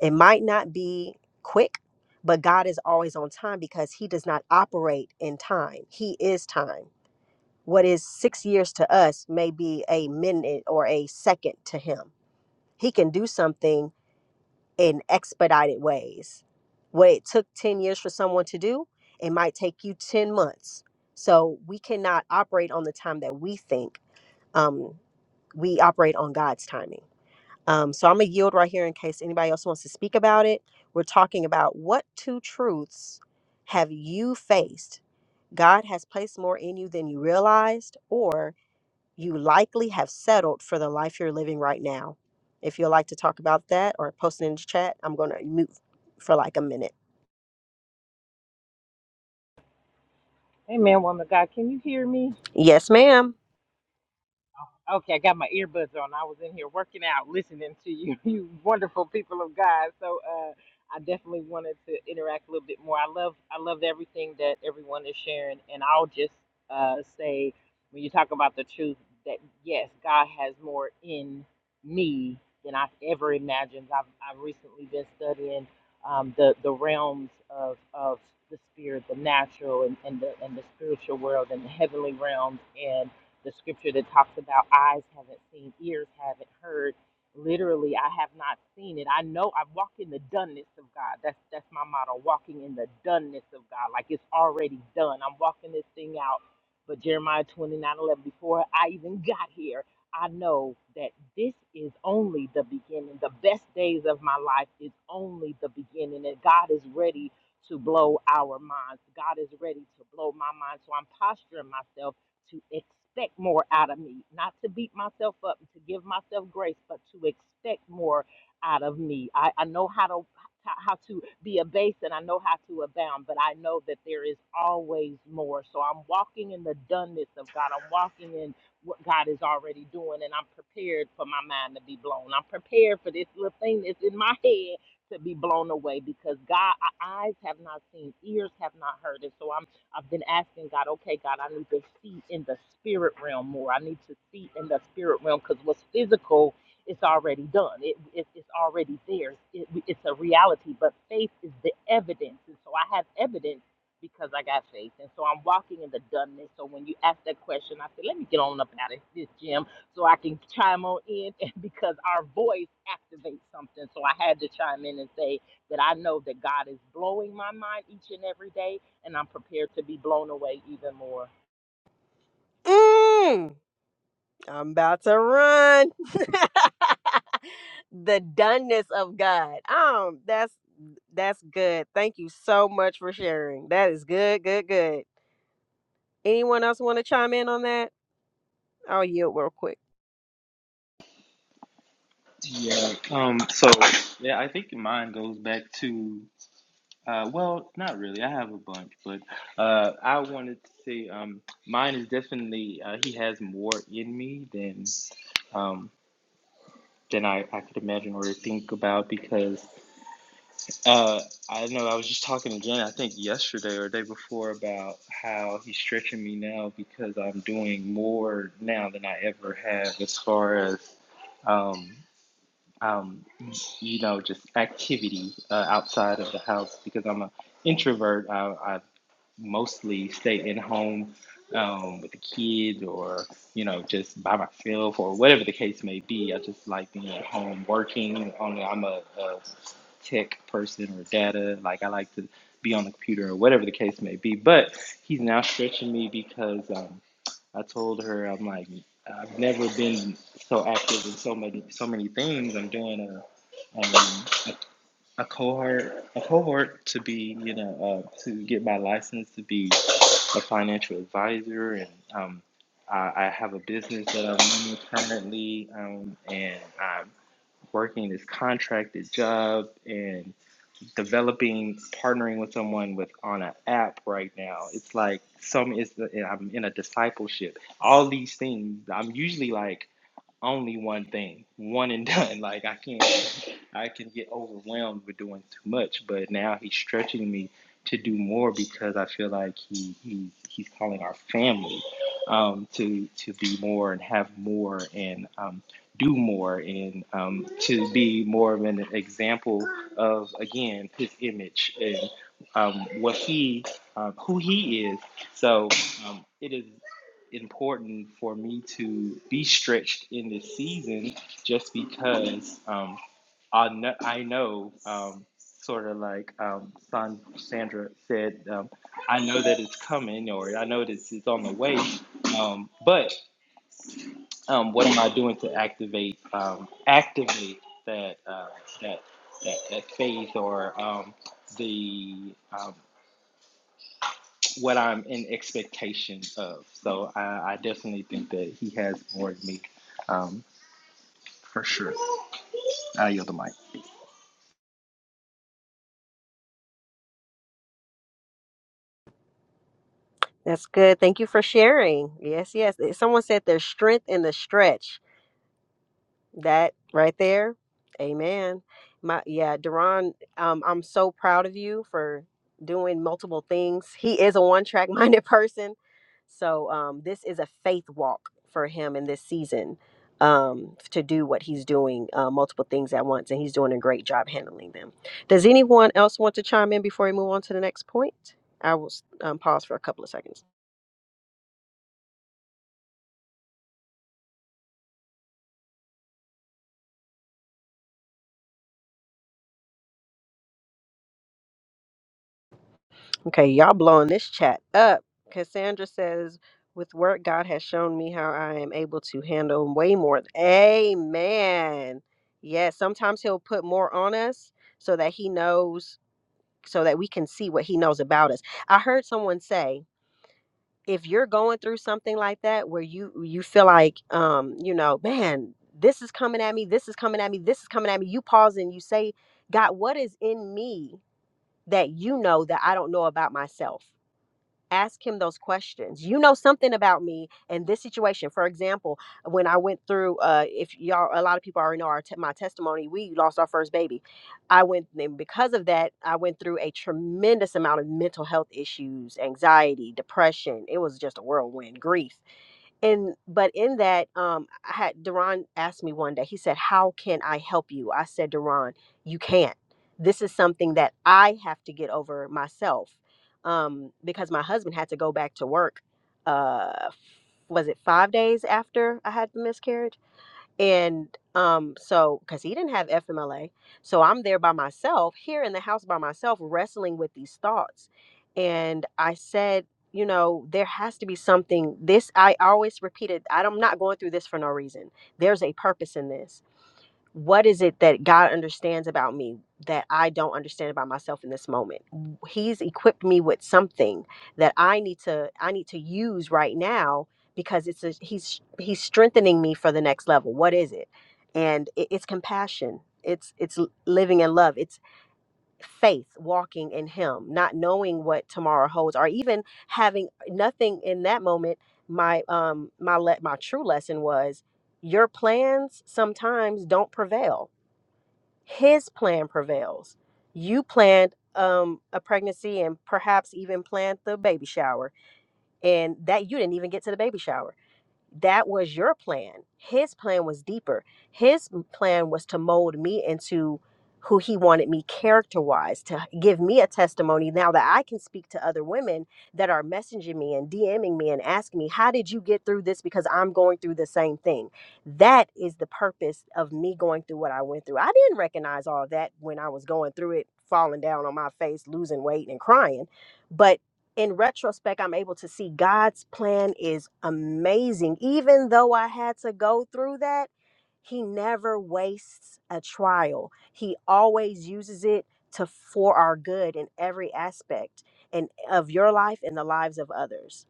Speaker 1: It might not be quick, but God is always on time because He does not operate in time. He is time. What is six years to us may be a minute or a second to Him. He can do something in expedited ways. What it took 10 years for someone to do, it might take you 10 months. So we cannot operate on the time that we think. Um, we operate on God's timing. Um, so I'm gonna yield right here in case anybody else wants to speak about it. We're talking about what two truths have you faced? God has placed more in you than you realized, or you likely have settled for the life you're living right now. If you'd like to talk about that or post it in the chat, I'm gonna mute for like a minute.
Speaker 4: Amen, woman of God. Can you hear me?
Speaker 1: Yes, ma'am.
Speaker 4: Okay, I got my earbuds on. I was in here working out, listening to you, (laughs) you wonderful people of God. So uh, I definitely wanted to interact a little bit more. I love, I loved everything that everyone is sharing, and I'll just uh, say, when you talk about the truth, that yes, God has more in me than I've ever imagined. I've, I've recently been studying um, the the realms of of the spirit, the natural, and, and the and the spiritual world, and the heavenly realms, the scripture that talks about eyes haven't seen, ears haven't heard. Literally, I have not seen it. I know I walk in the doneness of God. That's that's my motto, walking in the doneness of God. Like it's already done. I'm walking this thing out. But Jeremiah 29:11, before I even got here, I know that this is only the beginning. The best days of my life is only the beginning. And God is ready to blow our minds. God is ready to blow my mind. So I'm posturing myself to expect more out of me, not to beat myself up, and to give myself grace, but to expect more out of me. I, I know how to how to be abased and I know how to abound, but I know that there is always more. So I'm walking in the doneness of God. I'm walking in what God is already doing, and I'm prepared for my mind to be blown. I'm prepared for this little thing that's in my head to be blown away because God, our eyes have not seen, ears have not heard it. So I'm I've been asking God, okay, God, I need to see in the spirit realm more. I need to see in the spirit realm because what's physical is already done. It, it, it's already there. It, it's a reality, but faith is the evidence. And so I have evidence because I got faith. And so I'm walking in the doneness. So when you ask that question, I said, let me get on up out of this gym so I can chime on in (laughs) and because our voice activates something. So I had to chime in and say that I know that God is blowing my mind each and every day and I'm prepared to be blown away even more.
Speaker 1: Mm. I'm about to run. (laughs) the doneness of God. Um, that's that's good. Thank you so much for sharing. That is good, good, good. Anyone else want to chime in on that? I'll yield real quick.
Speaker 3: Yeah. Um. So yeah, I think mine goes back to. Uh, well, not really. I have a bunch, but uh, I wanted to say um, mine is definitely uh, he has more in me than um, than I, I could imagine or think about because Uh, I know I was just talking again, I think yesterday or the day before, about how he's stretching me now because I'm doing more now than I ever have as far as, um, um, you know, just activity uh, outside of the house because I'm an introvert. I, I mostly stay in home um, with the kids or, you know, just by myself or whatever the case may be. I just like being at home working. Only I'm a, a tech person or data. Like I like to be on the computer or whatever the case may be. But he's now stretching me because um, I told her I'm like I've never been so active in so many so many things. I'm doing a um, a cohort a cohort to be you know uh, to get my license to be a financial advisor and um, I, I have a business that I'm running currently um, and I'm working this contracted job and developing partnering with someone with on an app right now it's like some is the, I'm in a discipleship all these things I'm usually like only one thing, one and (laughs) done. Like I can't, I can get overwhelmed with doing too much. But now he's stretching me to do more because I feel like he, he he's calling our family um, to to be more and have more and um, do more and um, to be more of an example of again his image and um, what he um, who he is. So um, it is important for me to be stretched in this season just because um, I know, I know um, sort of like um, Sandra said, um, I know that it's coming or I know that it's on the way, um, but um, what am I doing to activate um, activate that, uh, that that that faith or um, the um, what I'm in expectation of. So I, I definitely think that he has more in me, um, for sure. I yield the mic.
Speaker 1: That's good. Thank you for sharing. Yes, yes. Someone said there's strength in the stretch. That right there. Amen. My yeah, Deron, um, I'm so proud of you for doing multiple things. He is a one-track (laughs) minded person. So um this is a faith walk for him in this season um to do what he's doing uh, multiple things at once and he's doing a great job handling them does anyone else want to chime in before we move on to the next point i will um, pause for a couple of seconds Okay, y'all blowing this chat up. Cassandra says, with work, God has shown me how I am able to handle way more. Amen. Yes, sometimes He'll put more on us so that He knows, so that we can see what He knows about us. I heard someone say, if you're going through something like that where you you feel like um you know man this is coming at me this is coming at me this is coming at me you pause and you say god what is in me that you know that i don't know about myself ask him those questions you know something about me and this situation for example when i went through uh if y'all a lot of people already know our te- my testimony we lost our first baby i went and because of that i went through a tremendous amount of mental health issues anxiety depression it was just a whirlwind grief and but in that um i had duran asked me one day he said how can i help you i said duran you can't this is something that i have to get over myself um because my husband had to go back to work uh was it five days after i had the miscarriage and um, so, because he didn't have FMLA, so I'm there by myself, here in the house by myself, wrestling with these thoughts. And I said, you know, there has to be something. This I always repeated. I don't- I'm not going through this for no reason. There's a purpose in this what is it that God understands about me that I don't understand about myself in this moment? He's equipped me with something that I need to I need to use right now because it's a, he's he's strengthening me for the next level. What is it? And it, it's compassion. It's it's l- living in love. It's faith, walking in Him, not knowing what tomorrow holds, or even having nothing in that moment. My um my let my true lesson was your plans sometimes don't prevail his plan prevails. You planned um, a pregnancy and perhaps even planned the baby shower, and that you didn't even get to the baby shower that was your plan. His plan was deeper. His plan was to mold me into who he wanted me character wise, to give me a testimony now that I can speak to other women that are messaging me and DMing me and asking me, How did you get through this? Because I'm going through the same thing. That is the purpose of me going through what I went through. I didn't recognize all that when I was going through it, falling down on my face, losing weight, and crying. But in retrospect, I'm able to see God's plan is amazing. Even though I had to go through that, He never wastes a trial. He always uses it to for our good in every aspect and of your life and the lives of others.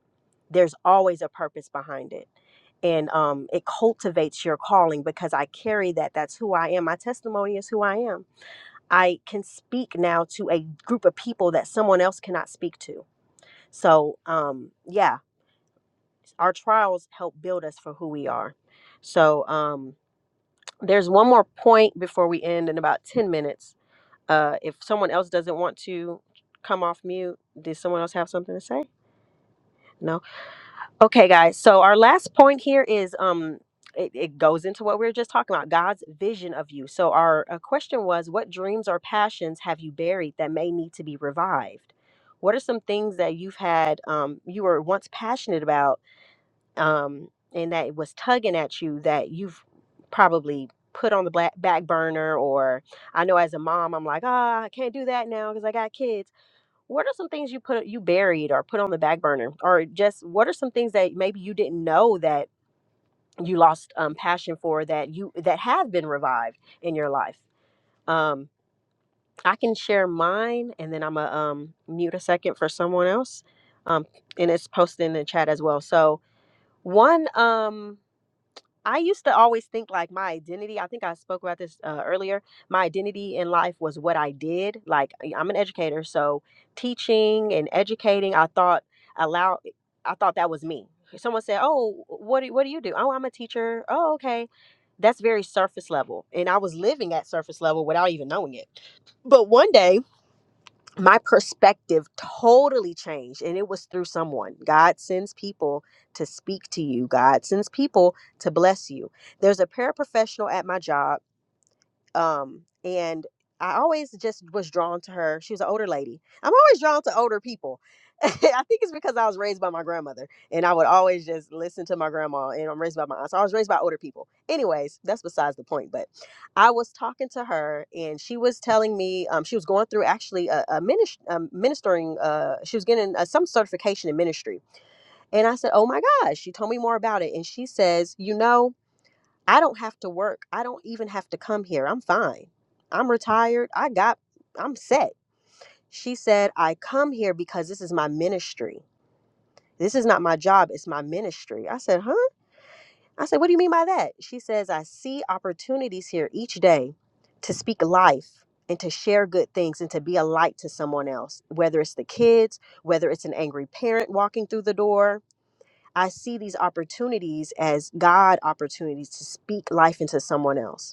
Speaker 1: There's always a purpose behind it. And um, it cultivates your calling because I carry that. That's who I am. My testimony is who I am. I can speak now to a group of people that someone else cannot speak to so, um, yeah, our trials help build us for who we are. So, um, there's one more point before we end in about 10 minutes. Uh, if someone else doesn't want to come off mute, does someone else have something to say? No. Okay, guys. So, our last point here is um, it, it goes into what we were just talking about God's vision of you. So, our uh, question was what dreams or passions have you buried that may need to be revived? What are some things that you've had, um, you were once passionate about? um, and that it was tugging at you that you've probably put on the black back burner or I know as a mom I'm like ah I can't do that now because I got kids what are some things you put you buried or put on the back burner or just what are some things that maybe you didn't know that you lost um, passion for that you that have been revived in your life um, I can share mine and then I'm a um, mute a second for someone else um, and it's posted in the chat as well so one um I used to always think like my identity, I think I spoke about this uh, earlier. My identity in life was what I did. Like I- I'm an educator, so teaching and educating, I thought allow I thought that was me. Someone said, "Oh, what do, what do you do?" "Oh, I'm a teacher." "Oh, okay." That's very surface level, and I was living at surface level without even knowing it. But one day my perspective totally changed and it was through someone god sends people to speak to you god sends people to bless you there's a paraprofessional at my job um and i always just was drawn to her she was an older lady i'm always drawn to older people (laughs) i think it's because i was raised by my grandmother and i would always just listen to my grandma and i'm raised by my aunt so i was raised by older people anyways that's besides the point but i was talking to her and she was telling me um, she was going through actually a, a, minis- um ministering uh, she was getting uh, some certification in ministry and i said oh my gosh she told me more about it and she says you know I don't have to work. I don't even have to come here. I'm fine. I'm retired. I got, I'm set. She said, I come here because this is my ministry. This is not my job, it's my ministry. I said, Huh? I said, What do you mean by that? She says, I see opportunities here each day to speak life and to share good things and to be a light to someone else, whether it's the kids, whether it's an angry parent walking through the door. I see these opportunities as God opportunities to speak life into someone else.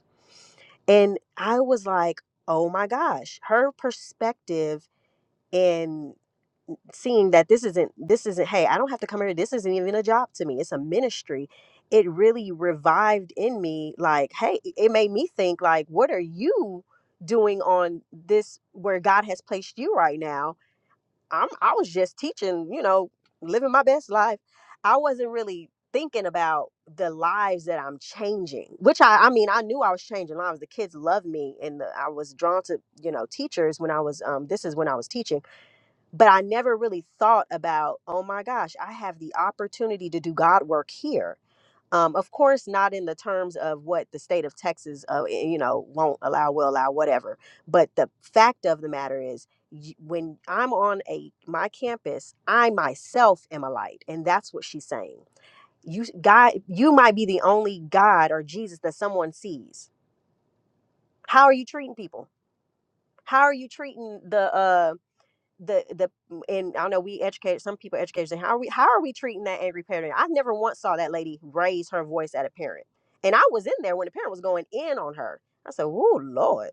Speaker 1: And I was like, oh my gosh, her perspective and seeing that this isn't, this isn't, hey, I don't have to come here. This isn't even a job to me, it's a ministry. It really revived in me, like, hey, it it made me think, like, what are you doing on this where God has placed you right now? I'm I was just teaching, you know, living my best life. I wasn't really thinking about the lives that I'm changing, which I I mean, I knew I was changing lives. The kids loved me and the, I was drawn to, you know, teachers when I was um this is when I was teaching, but I never really thought about, oh my gosh, I have the opportunity to do God work here um, of course, not in the terms of what the state of Texas, uh, y- you know, won't allow, will allow, whatever. But the fact of the matter is, y- when I'm on a my campus, I myself am a light, and that's what she's saying. You s- God, you might be the only God or Jesus that someone sees. How are you treating people? How are you treating the? uh, the the and I know we educate some people educate say how are we how are we treating that angry parent? I never once saw that lady raise her voice at a parent, and I was in there when the parent was going in on her. I said, "Oh Lord."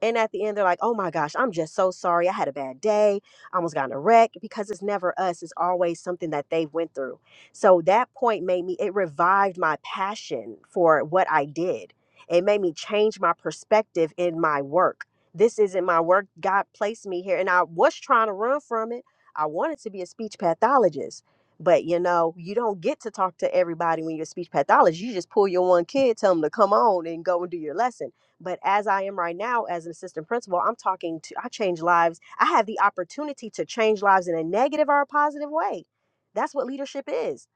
Speaker 1: And at the end, they're like, oh my gosh, I'm just so sorry. I had a bad day. I almost got in a wreck because it's never us. It's always something that they went through. So that point made me, it revived my passion for what I did. It made me change my perspective in my work. This isn't my work. God placed me here. And I was trying to run from it. I wanted to be a speech pathologist. But you know, you don't get to talk to everybody when you're a speech pathologist. You just pull your one kid, tell them to come on and go and do your lesson but as i am right now as an assistant principal i'm talking to i change lives i have the opportunity to change lives in a negative or a positive way that's what leadership is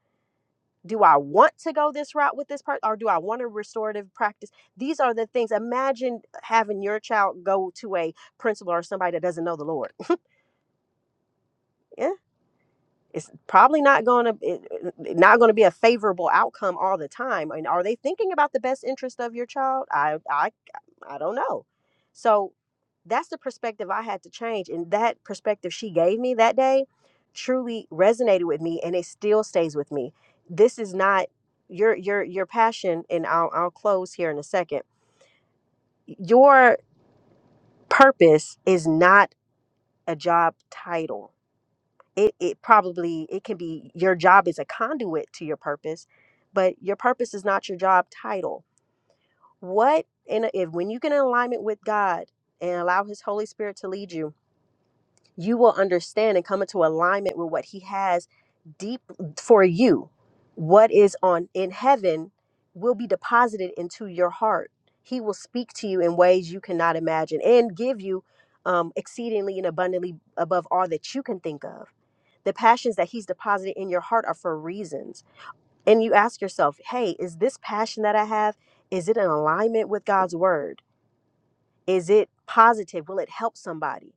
Speaker 1: do i want to go this route with this person, or do i want a restorative practice these are the things imagine having your child go to a principal or somebody that doesn't know the lord (laughs) yeah it's probably not going to it, not going to be a favorable outcome all the time and are they thinking about the best interest of your child i i I don't know. So that's the perspective I had to change. And that perspective she gave me that day truly resonated with me and it still stays with me. This is not your your your passion and I'll I'll close here in a second. Your purpose is not a job title. It it probably it can be your job is a conduit to your purpose, but your purpose is not your job title. What and if when you get in alignment with God and allow his Holy Spirit to lead you, you will understand and come into alignment with what he has deep for you what is on in heaven will be deposited into your heart he will speak to you in ways you cannot imagine and give you um, exceedingly and abundantly above all that you can think of the passions that he's deposited in your heart are for reasons and you ask yourself hey is this passion that i have is it in alignment with god's word is it positive will it help somebody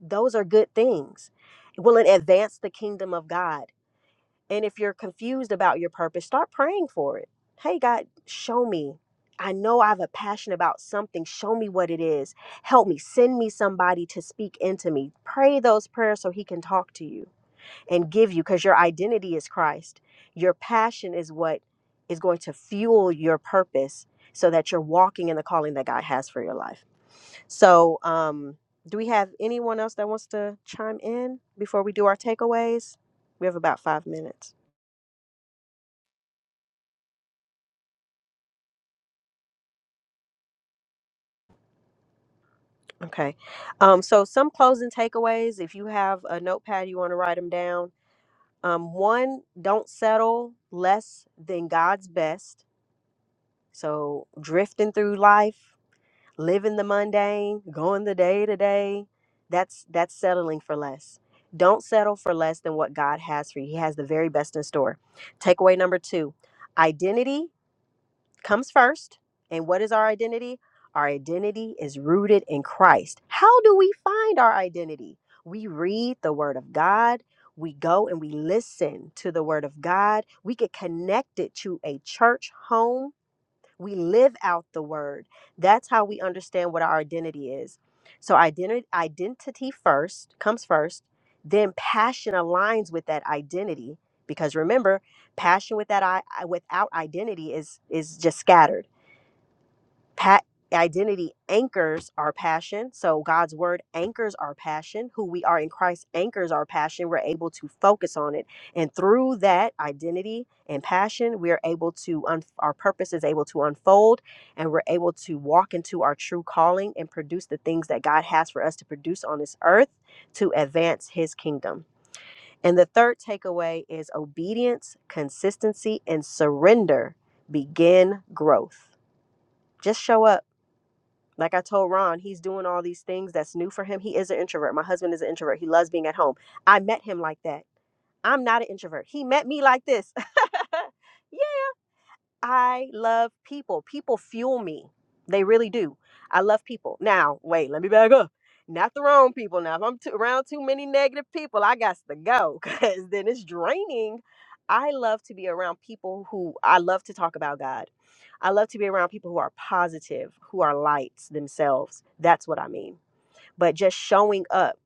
Speaker 1: those are good things. Will it advance the kingdom of God? And if you're confused about your purpose, start praying for it. Hey, God, show me. I know I have a passion about something. Show me what it is. Help me. Send me somebody to speak into me. Pray those prayers so He can talk to you and give you, because your identity is Christ. Your passion is what is going to fuel your purpose so that you're walking in the calling that God has for your life. So, um, do we have anyone else that wants to chime in before we do our takeaways? We have about five minutes. Okay. Um, so, some closing takeaways. If you have a notepad, you want to write them down. Um, one, don't settle less than God's best. So, drifting through life living the mundane, going the day to day, that's that's settling for less. Don't settle for less than what God has for you. He has the very best in store. Takeaway number 2. Identity comes first. And what is our identity? Our identity is rooted in Christ. How do we find our identity? We read the word of God. We go and we listen to the word of God. We get connected to a church home we live out the word. That's how we understand what our identity is. So identity identity first comes first, then passion aligns with that identity because remember, passion with that I I- without identity is is just scattered Pat identity anchors our passion. So God's word anchors our passion. Who we are in Christ anchors our passion. We're able to focus on it. And through that identity and passion, we are able to un- our purpose is able to unfold and we're able to walk into our true calling and produce the things that God has for us to produce on this earth to advance his kingdom. And the third takeaway is obedience, consistency, and surrender begin growth. Just show up like I told Ron, he's doing all these things that's new for him. He is an introvert. My husband is an introvert. He loves being at home. I met him like that. I'm not an introvert. He met me like this. (laughs) Yeah. I love people. People fuel me. They really do. I love people. Now, wait, let me back up. Not the wrong people. Now, if I'm too, around too many negative people, I got to go (laughs) because then it's draining. I love to be around people who I love to talk about God. I love to be around people who are positive, who are lights themselves. That's what I mean but just showing up,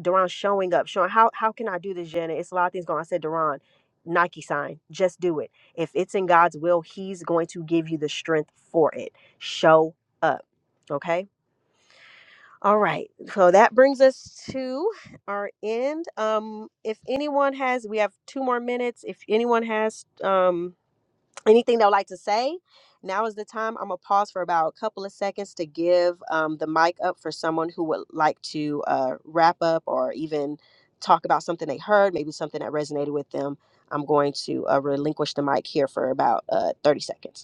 Speaker 1: Duran showing up, showing how how can I do this, Jenna? It's a lot of things going. on. I said, Duran, Nike sign, just do it. If it's in God's will, He's going to give you the strength for it. Show up, okay? All right. So that brings us to our end. Um, if anyone has, we have two more minutes. If anyone has, um, anything they would like to say now is the time i'm gonna pause for about a couple of seconds to give um, the mic up for someone who would like to uh, wrap up or even talk about something they heard maybe something that resonated with them i'm going to uh, relinquish the mic here for about uh, 30 seconds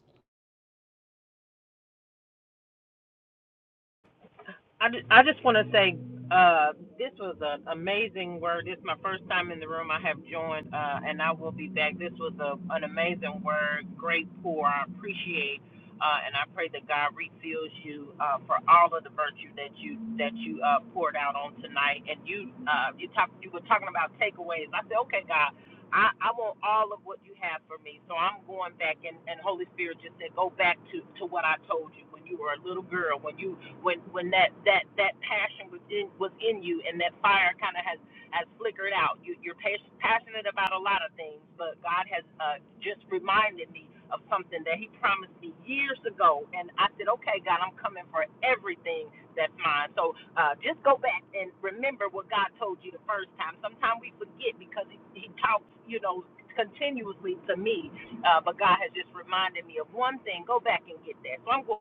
Speaker 4: I just, I just want to say uh, this was an amazing word. This is my first time in the room. I have joined, uh, and I will be back. This was a, an amazing word, great pour. I appreciate, uh, and I pray that God refills you uh, for all of the virtue that you that you uh, poured out on tonight. And you uh, you talk you were talking about takeaways. I said, okay, God. I, I want all of what you have for me. So I'm going back and, and Holy Spirit just said, Go back to, to what I told you when you were a little girl, when you when when that that that passion was in was in you and that fire kind of has has flickered out you you're pas- passionate about a lot of things but god has uh just reminded me of something that he promised me years ago and i said okay god i'm coming for everything that's mine so uh just go back and remember what god told you the first time sometimes we forget because he, he talks you know continuously to me uh but god has just reminded me of one thing go back and get that so i'm going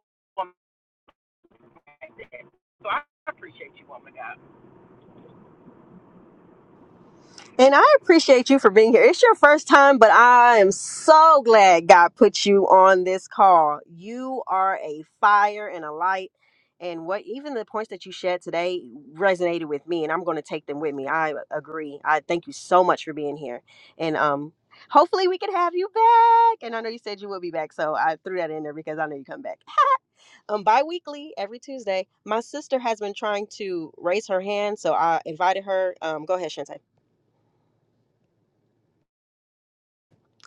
Speaker 4: so I appreciate you, woman God.
Speaker 1: And I appreciate you for being here. It's your first time, but I am so glad God put you on this call. You are a fire and a light. And what even the points that you shared today resonated with me, and I'm going to take them with me. I agree. I thank you so much for being here, and um, hopefully we can have you back. And I know you said you will be back, so I threw that in there because I know you come back. (laughs) um, bi-weekly every Tuesday, my sister has been trying to raise her hand, so I invited her. Um, go ahead, Shante,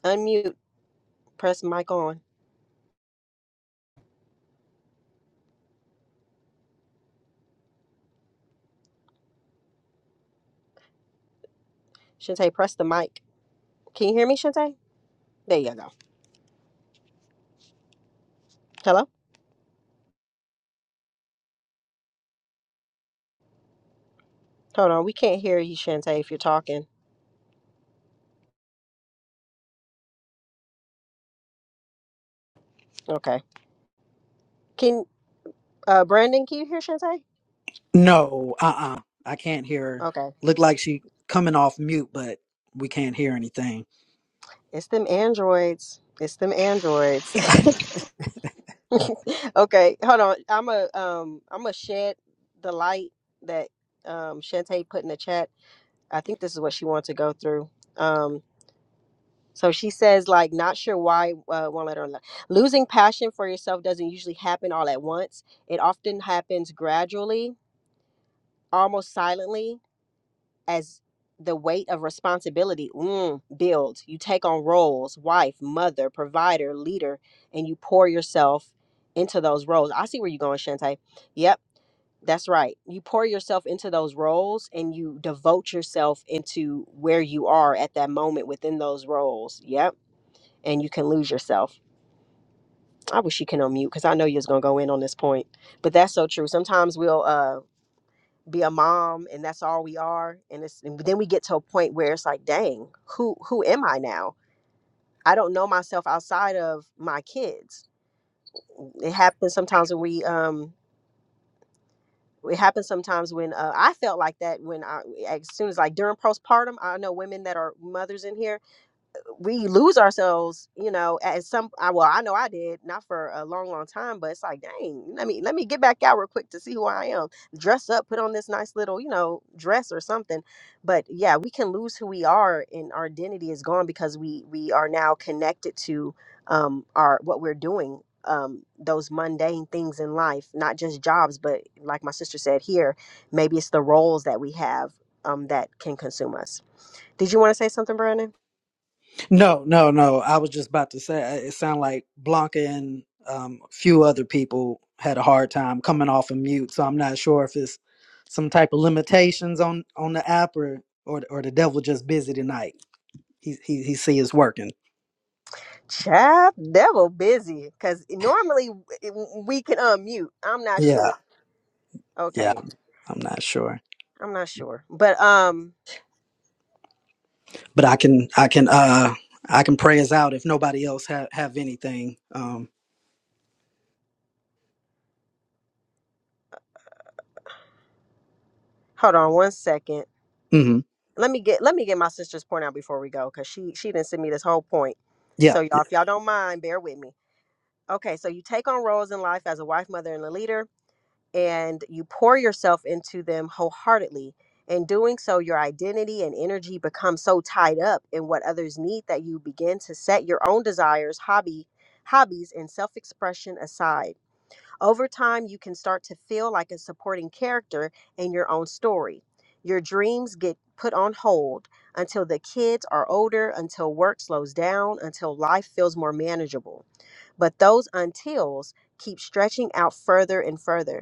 Speaker 1: unmute. Press mic on. Shantae, press the mic. Can you hear me, Shantae? There you go. Hello? Hold on. We can't hear you, Shantae, if you're talking. Okay. Can uh Brandon, can you hear Shantae?
Speaker 2: No, uh uh I can't hear her.
Speaker 1: Okay.
Speaker 2: Look like she coming off mute, but we can't hear anything.
Speaker 1: It's them androids. It's them androids. (laughs) okay, hold on. I'm a um I'm gonna shed the light that um Shantae put in the chat. I think this is what she wanted to go through. Um So she says, like, not sure why uh, one letter. le- Losing passion for yourself doesn't usually happen all at once. It often happens gradually, almost silently, as the weight of responsibility mm, builds. You take on roles, wife, mother, provider, leader, and you pour yourself into those roles. I see where you're going, Shantae. Yep, that's right. You pour yourself into those roles and you devote yourself into where you are at that moment within those roles. Yep and you can lose yourself. I wish you can unmute because I know you are gonna go in on this point, but that's so true. Sometimes we'll uh, be a mom and that's all we are, and it's and then we get to a point where it's like, dang, who who am I now? I don't know myself outside of my kids. It happens sometimes when we um it happens sometimes when uh, I felt like that when I as soon as like during postpartum, I know women that are mothers in here we lose ourselves, you know, at some I well, I know I did, not for a long, long time, but it's like, dang, let me let me get back out real quick to see who I am. Dress up, put on this nice little, you know, dress or something. But yeah, we can lose who we are and our identity is gone because we we are now connected to um our what we're doing, um, those mundane things in life, not just jobs, but like my sister said here, maybe it's the roles that we have um that can consume us. Did you want to say something, Brandon?
Speaker 2: No, no, no. I was just about to say uh, it sounded like Blanca and um, a few other people had a hard time coming off of mute. So I'm not sure if it's some type of limitations on on the app or or, or the devil just busy tonight. He he he see it's working.
Speaker 1: Chap, devil busy. Cause normally w- we can unmute. I'm not
Speaker 2: Yeah,
Speaker 1: sure.
Speaker 2: yeah.
Speaker 1: Okay,
Speaker 2: I'm not sure,
Speaker 1: I'm not sure. But um,
Speaker 2: but I can I can uh I can pray us out if nobody else have have anything. Um.
Speaker 1: hold on one second.
Speaker 2: hmm
Speaker 1: Let me get let me get my sister's point out before we go, cause she she didn't send me this whole point.
Speaker 2: Yeah.
Speaker 1: So y'all,
Speaker 2: yeah.
Speaker 1: if y'all don't mind, bear with me. Okay, so you take on roles in life as a wife, mother, and a leader. and you pour yourself into them wholeheartedly. In doing so, your identity and energy become so tied up in what others need that you begin to set your own desires, hobby, hobbies, and self-expression aside. Over time, you can start to feel like a supporting character in your own story. Your dreams get put on hold until the kids are older, until work slows down, until life feels more manageable. But those untils keep stretching out further and further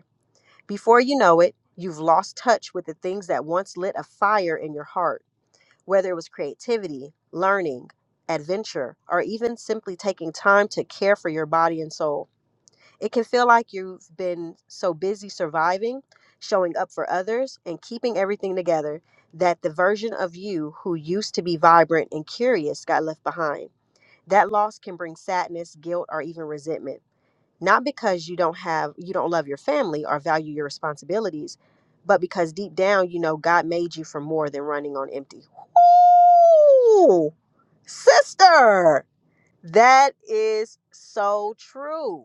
Speaker 1: before you know it, you've lost touch with the things that once lit a fire in your heart, whether it was creativity, learning, adventure, or even simply taking time to care for your body and soul. It can feel like you've been so busy surviving, showing up for others, and keeping everything together that the version of you who used to be vibrant and curious got left behind. That loss can bring sadness, guilt, or even resentment not because you don't have you don't love your family or value your responsibilities but because deep down you know god made you for more than running on empty Ooh, sister that is so true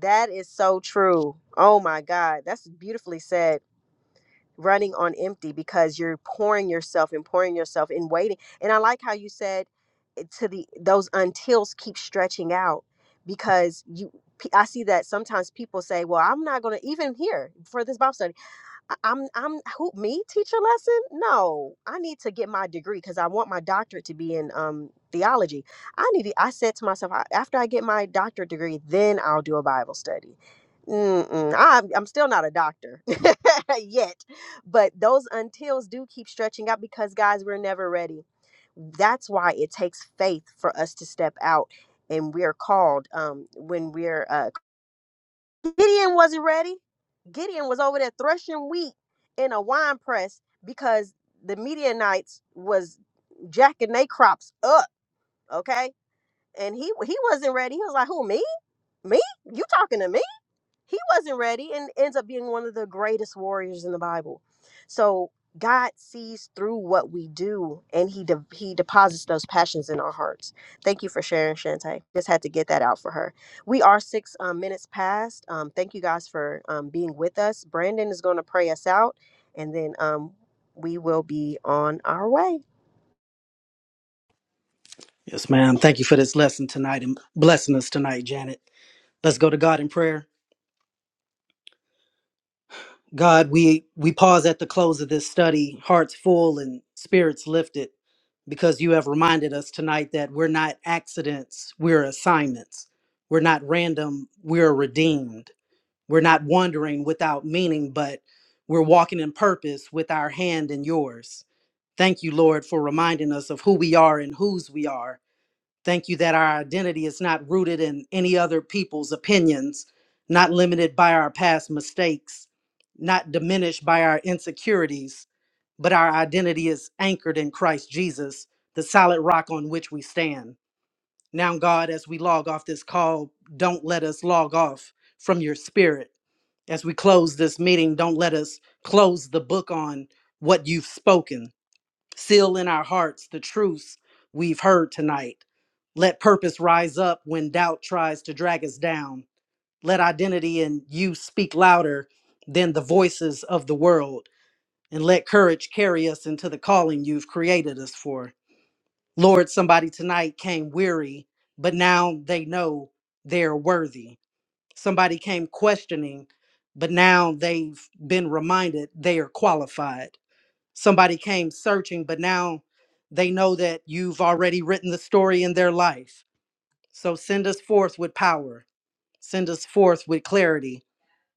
Speaker 1: that is so true oh my god that's beautifully said running on empty because you're pouring yourself and pouring yourself and waiting. And I like how you said it to the those untils keep stretching out because you pe- I see that sometimes people say, "Well, I'm not going to even here for this Bible study. I- I'm I'm who me teach a lesson? No, I need to get my degree because I want my doctorate to be in um theology. I need to, I said to myself "I- after I get my doctorate degree, then I'll do a Bible study. Mm-mm, I'm I'm still not a doctor (laughs) yet, but those untils do keep stretching out because guys, we're never ready. That's why it takes faith for us to step out, and we're called um when we're uh, Gideon wasn't ready. Gideon was over there threshing wheat in a wine press because the Midianites was jacking their crops up. Okay, and he he wasn't ready. He was like, "Who me? Me? You talking to me?" he wasn't ready and ends up being one of the greatest warriors in the Bible. So God sees through what we do and he de- he deposits those passions in our hearts. Thank you for sharing Shantae. Just had to get that out for her. We are 6 um, minutes past. Um, thank you guys for um, being with us. Brandon is going to pray us out and then um, we will be on our way.
Speaker 2: Yes, ma'am. Thank you for this lesson tonight and blessing us tonight, Janet. Let's go to God in prayer. God, we we pause at the close of this study, hearts full and spirits lifted, because you have reminded us tonight that we're not accidents, we're assignments. We're not random, we're redeemed. We're not wandering without meaning, but we're walking in purpose with our hand in yours. Thank you, Lord, for reminding us of who we are and whose we are Thank you that our identity is not rooted in any other people's opinions, not limited by our past mistakes, not diminished by our insecurities, but our identity is anchored in Christ Jesus, the solid rock on which we stand. Now, God, as we log off this call, don't let us log off from your spirit. As we close this meeting, don't let us close the book on what you've spoken Seal in our hearts the truths we've heard tonight. Let purpose rise up when doubt tries to drag us down. Let identity and you speak louder than the voices of the world. And let courage carry us into the calling you've created us for. Lord, somebody tonight came weary, but now they know they're worthy. Somebody came questioning, but now they've been reminded they are qualified somebody came searching, but now they know that you've already written the story in their life. So send us forth with power, send us forth with clarity,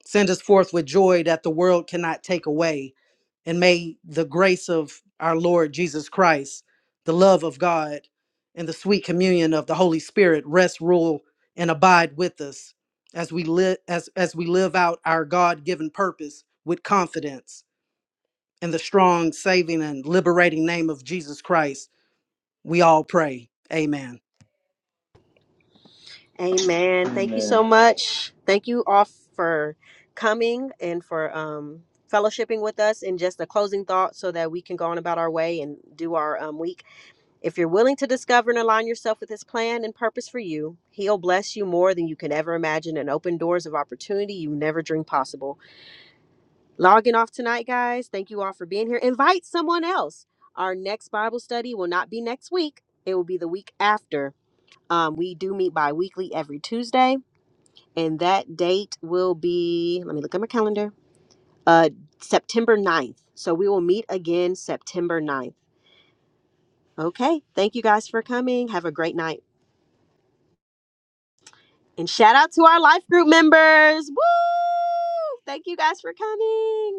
Speaker 2: send us forth with joy that the world cannot take away. And may the grace of our Lord Jesus Christ, the love of God, and the sweet communion of the Holy Spirit rest, rule, and abide with us as we live as as we live out our God-given purpose with confidence in the strong, saving, and liberating name of Jesus Christ, we all pray. Amen.
Speaker 1: Amen. Thank you
Speaker 3: Amen.
Speaker 1: so much. Thank you all for coming and for um, fellowshipping with us. And just a closing thought so that we can go on about our way and do our um, week. If you're willing to discover and align yourself with His plan and purpose for you, He'll bless you more than you can ever imagine and open doors of opportunity you never dreamed possible. Logging off tonight, guys. Thank you all for being here. Invite someone else. Our next Bible study will not be next week, it will be the week after. Um, we do meet bi weekly every Tuesday and that date will be let me look at my calendar uh september ninth. so we will meet again september ninth. okay thank you guys for coming have a great night and shout out to our life group members Woo! thank you guys for coming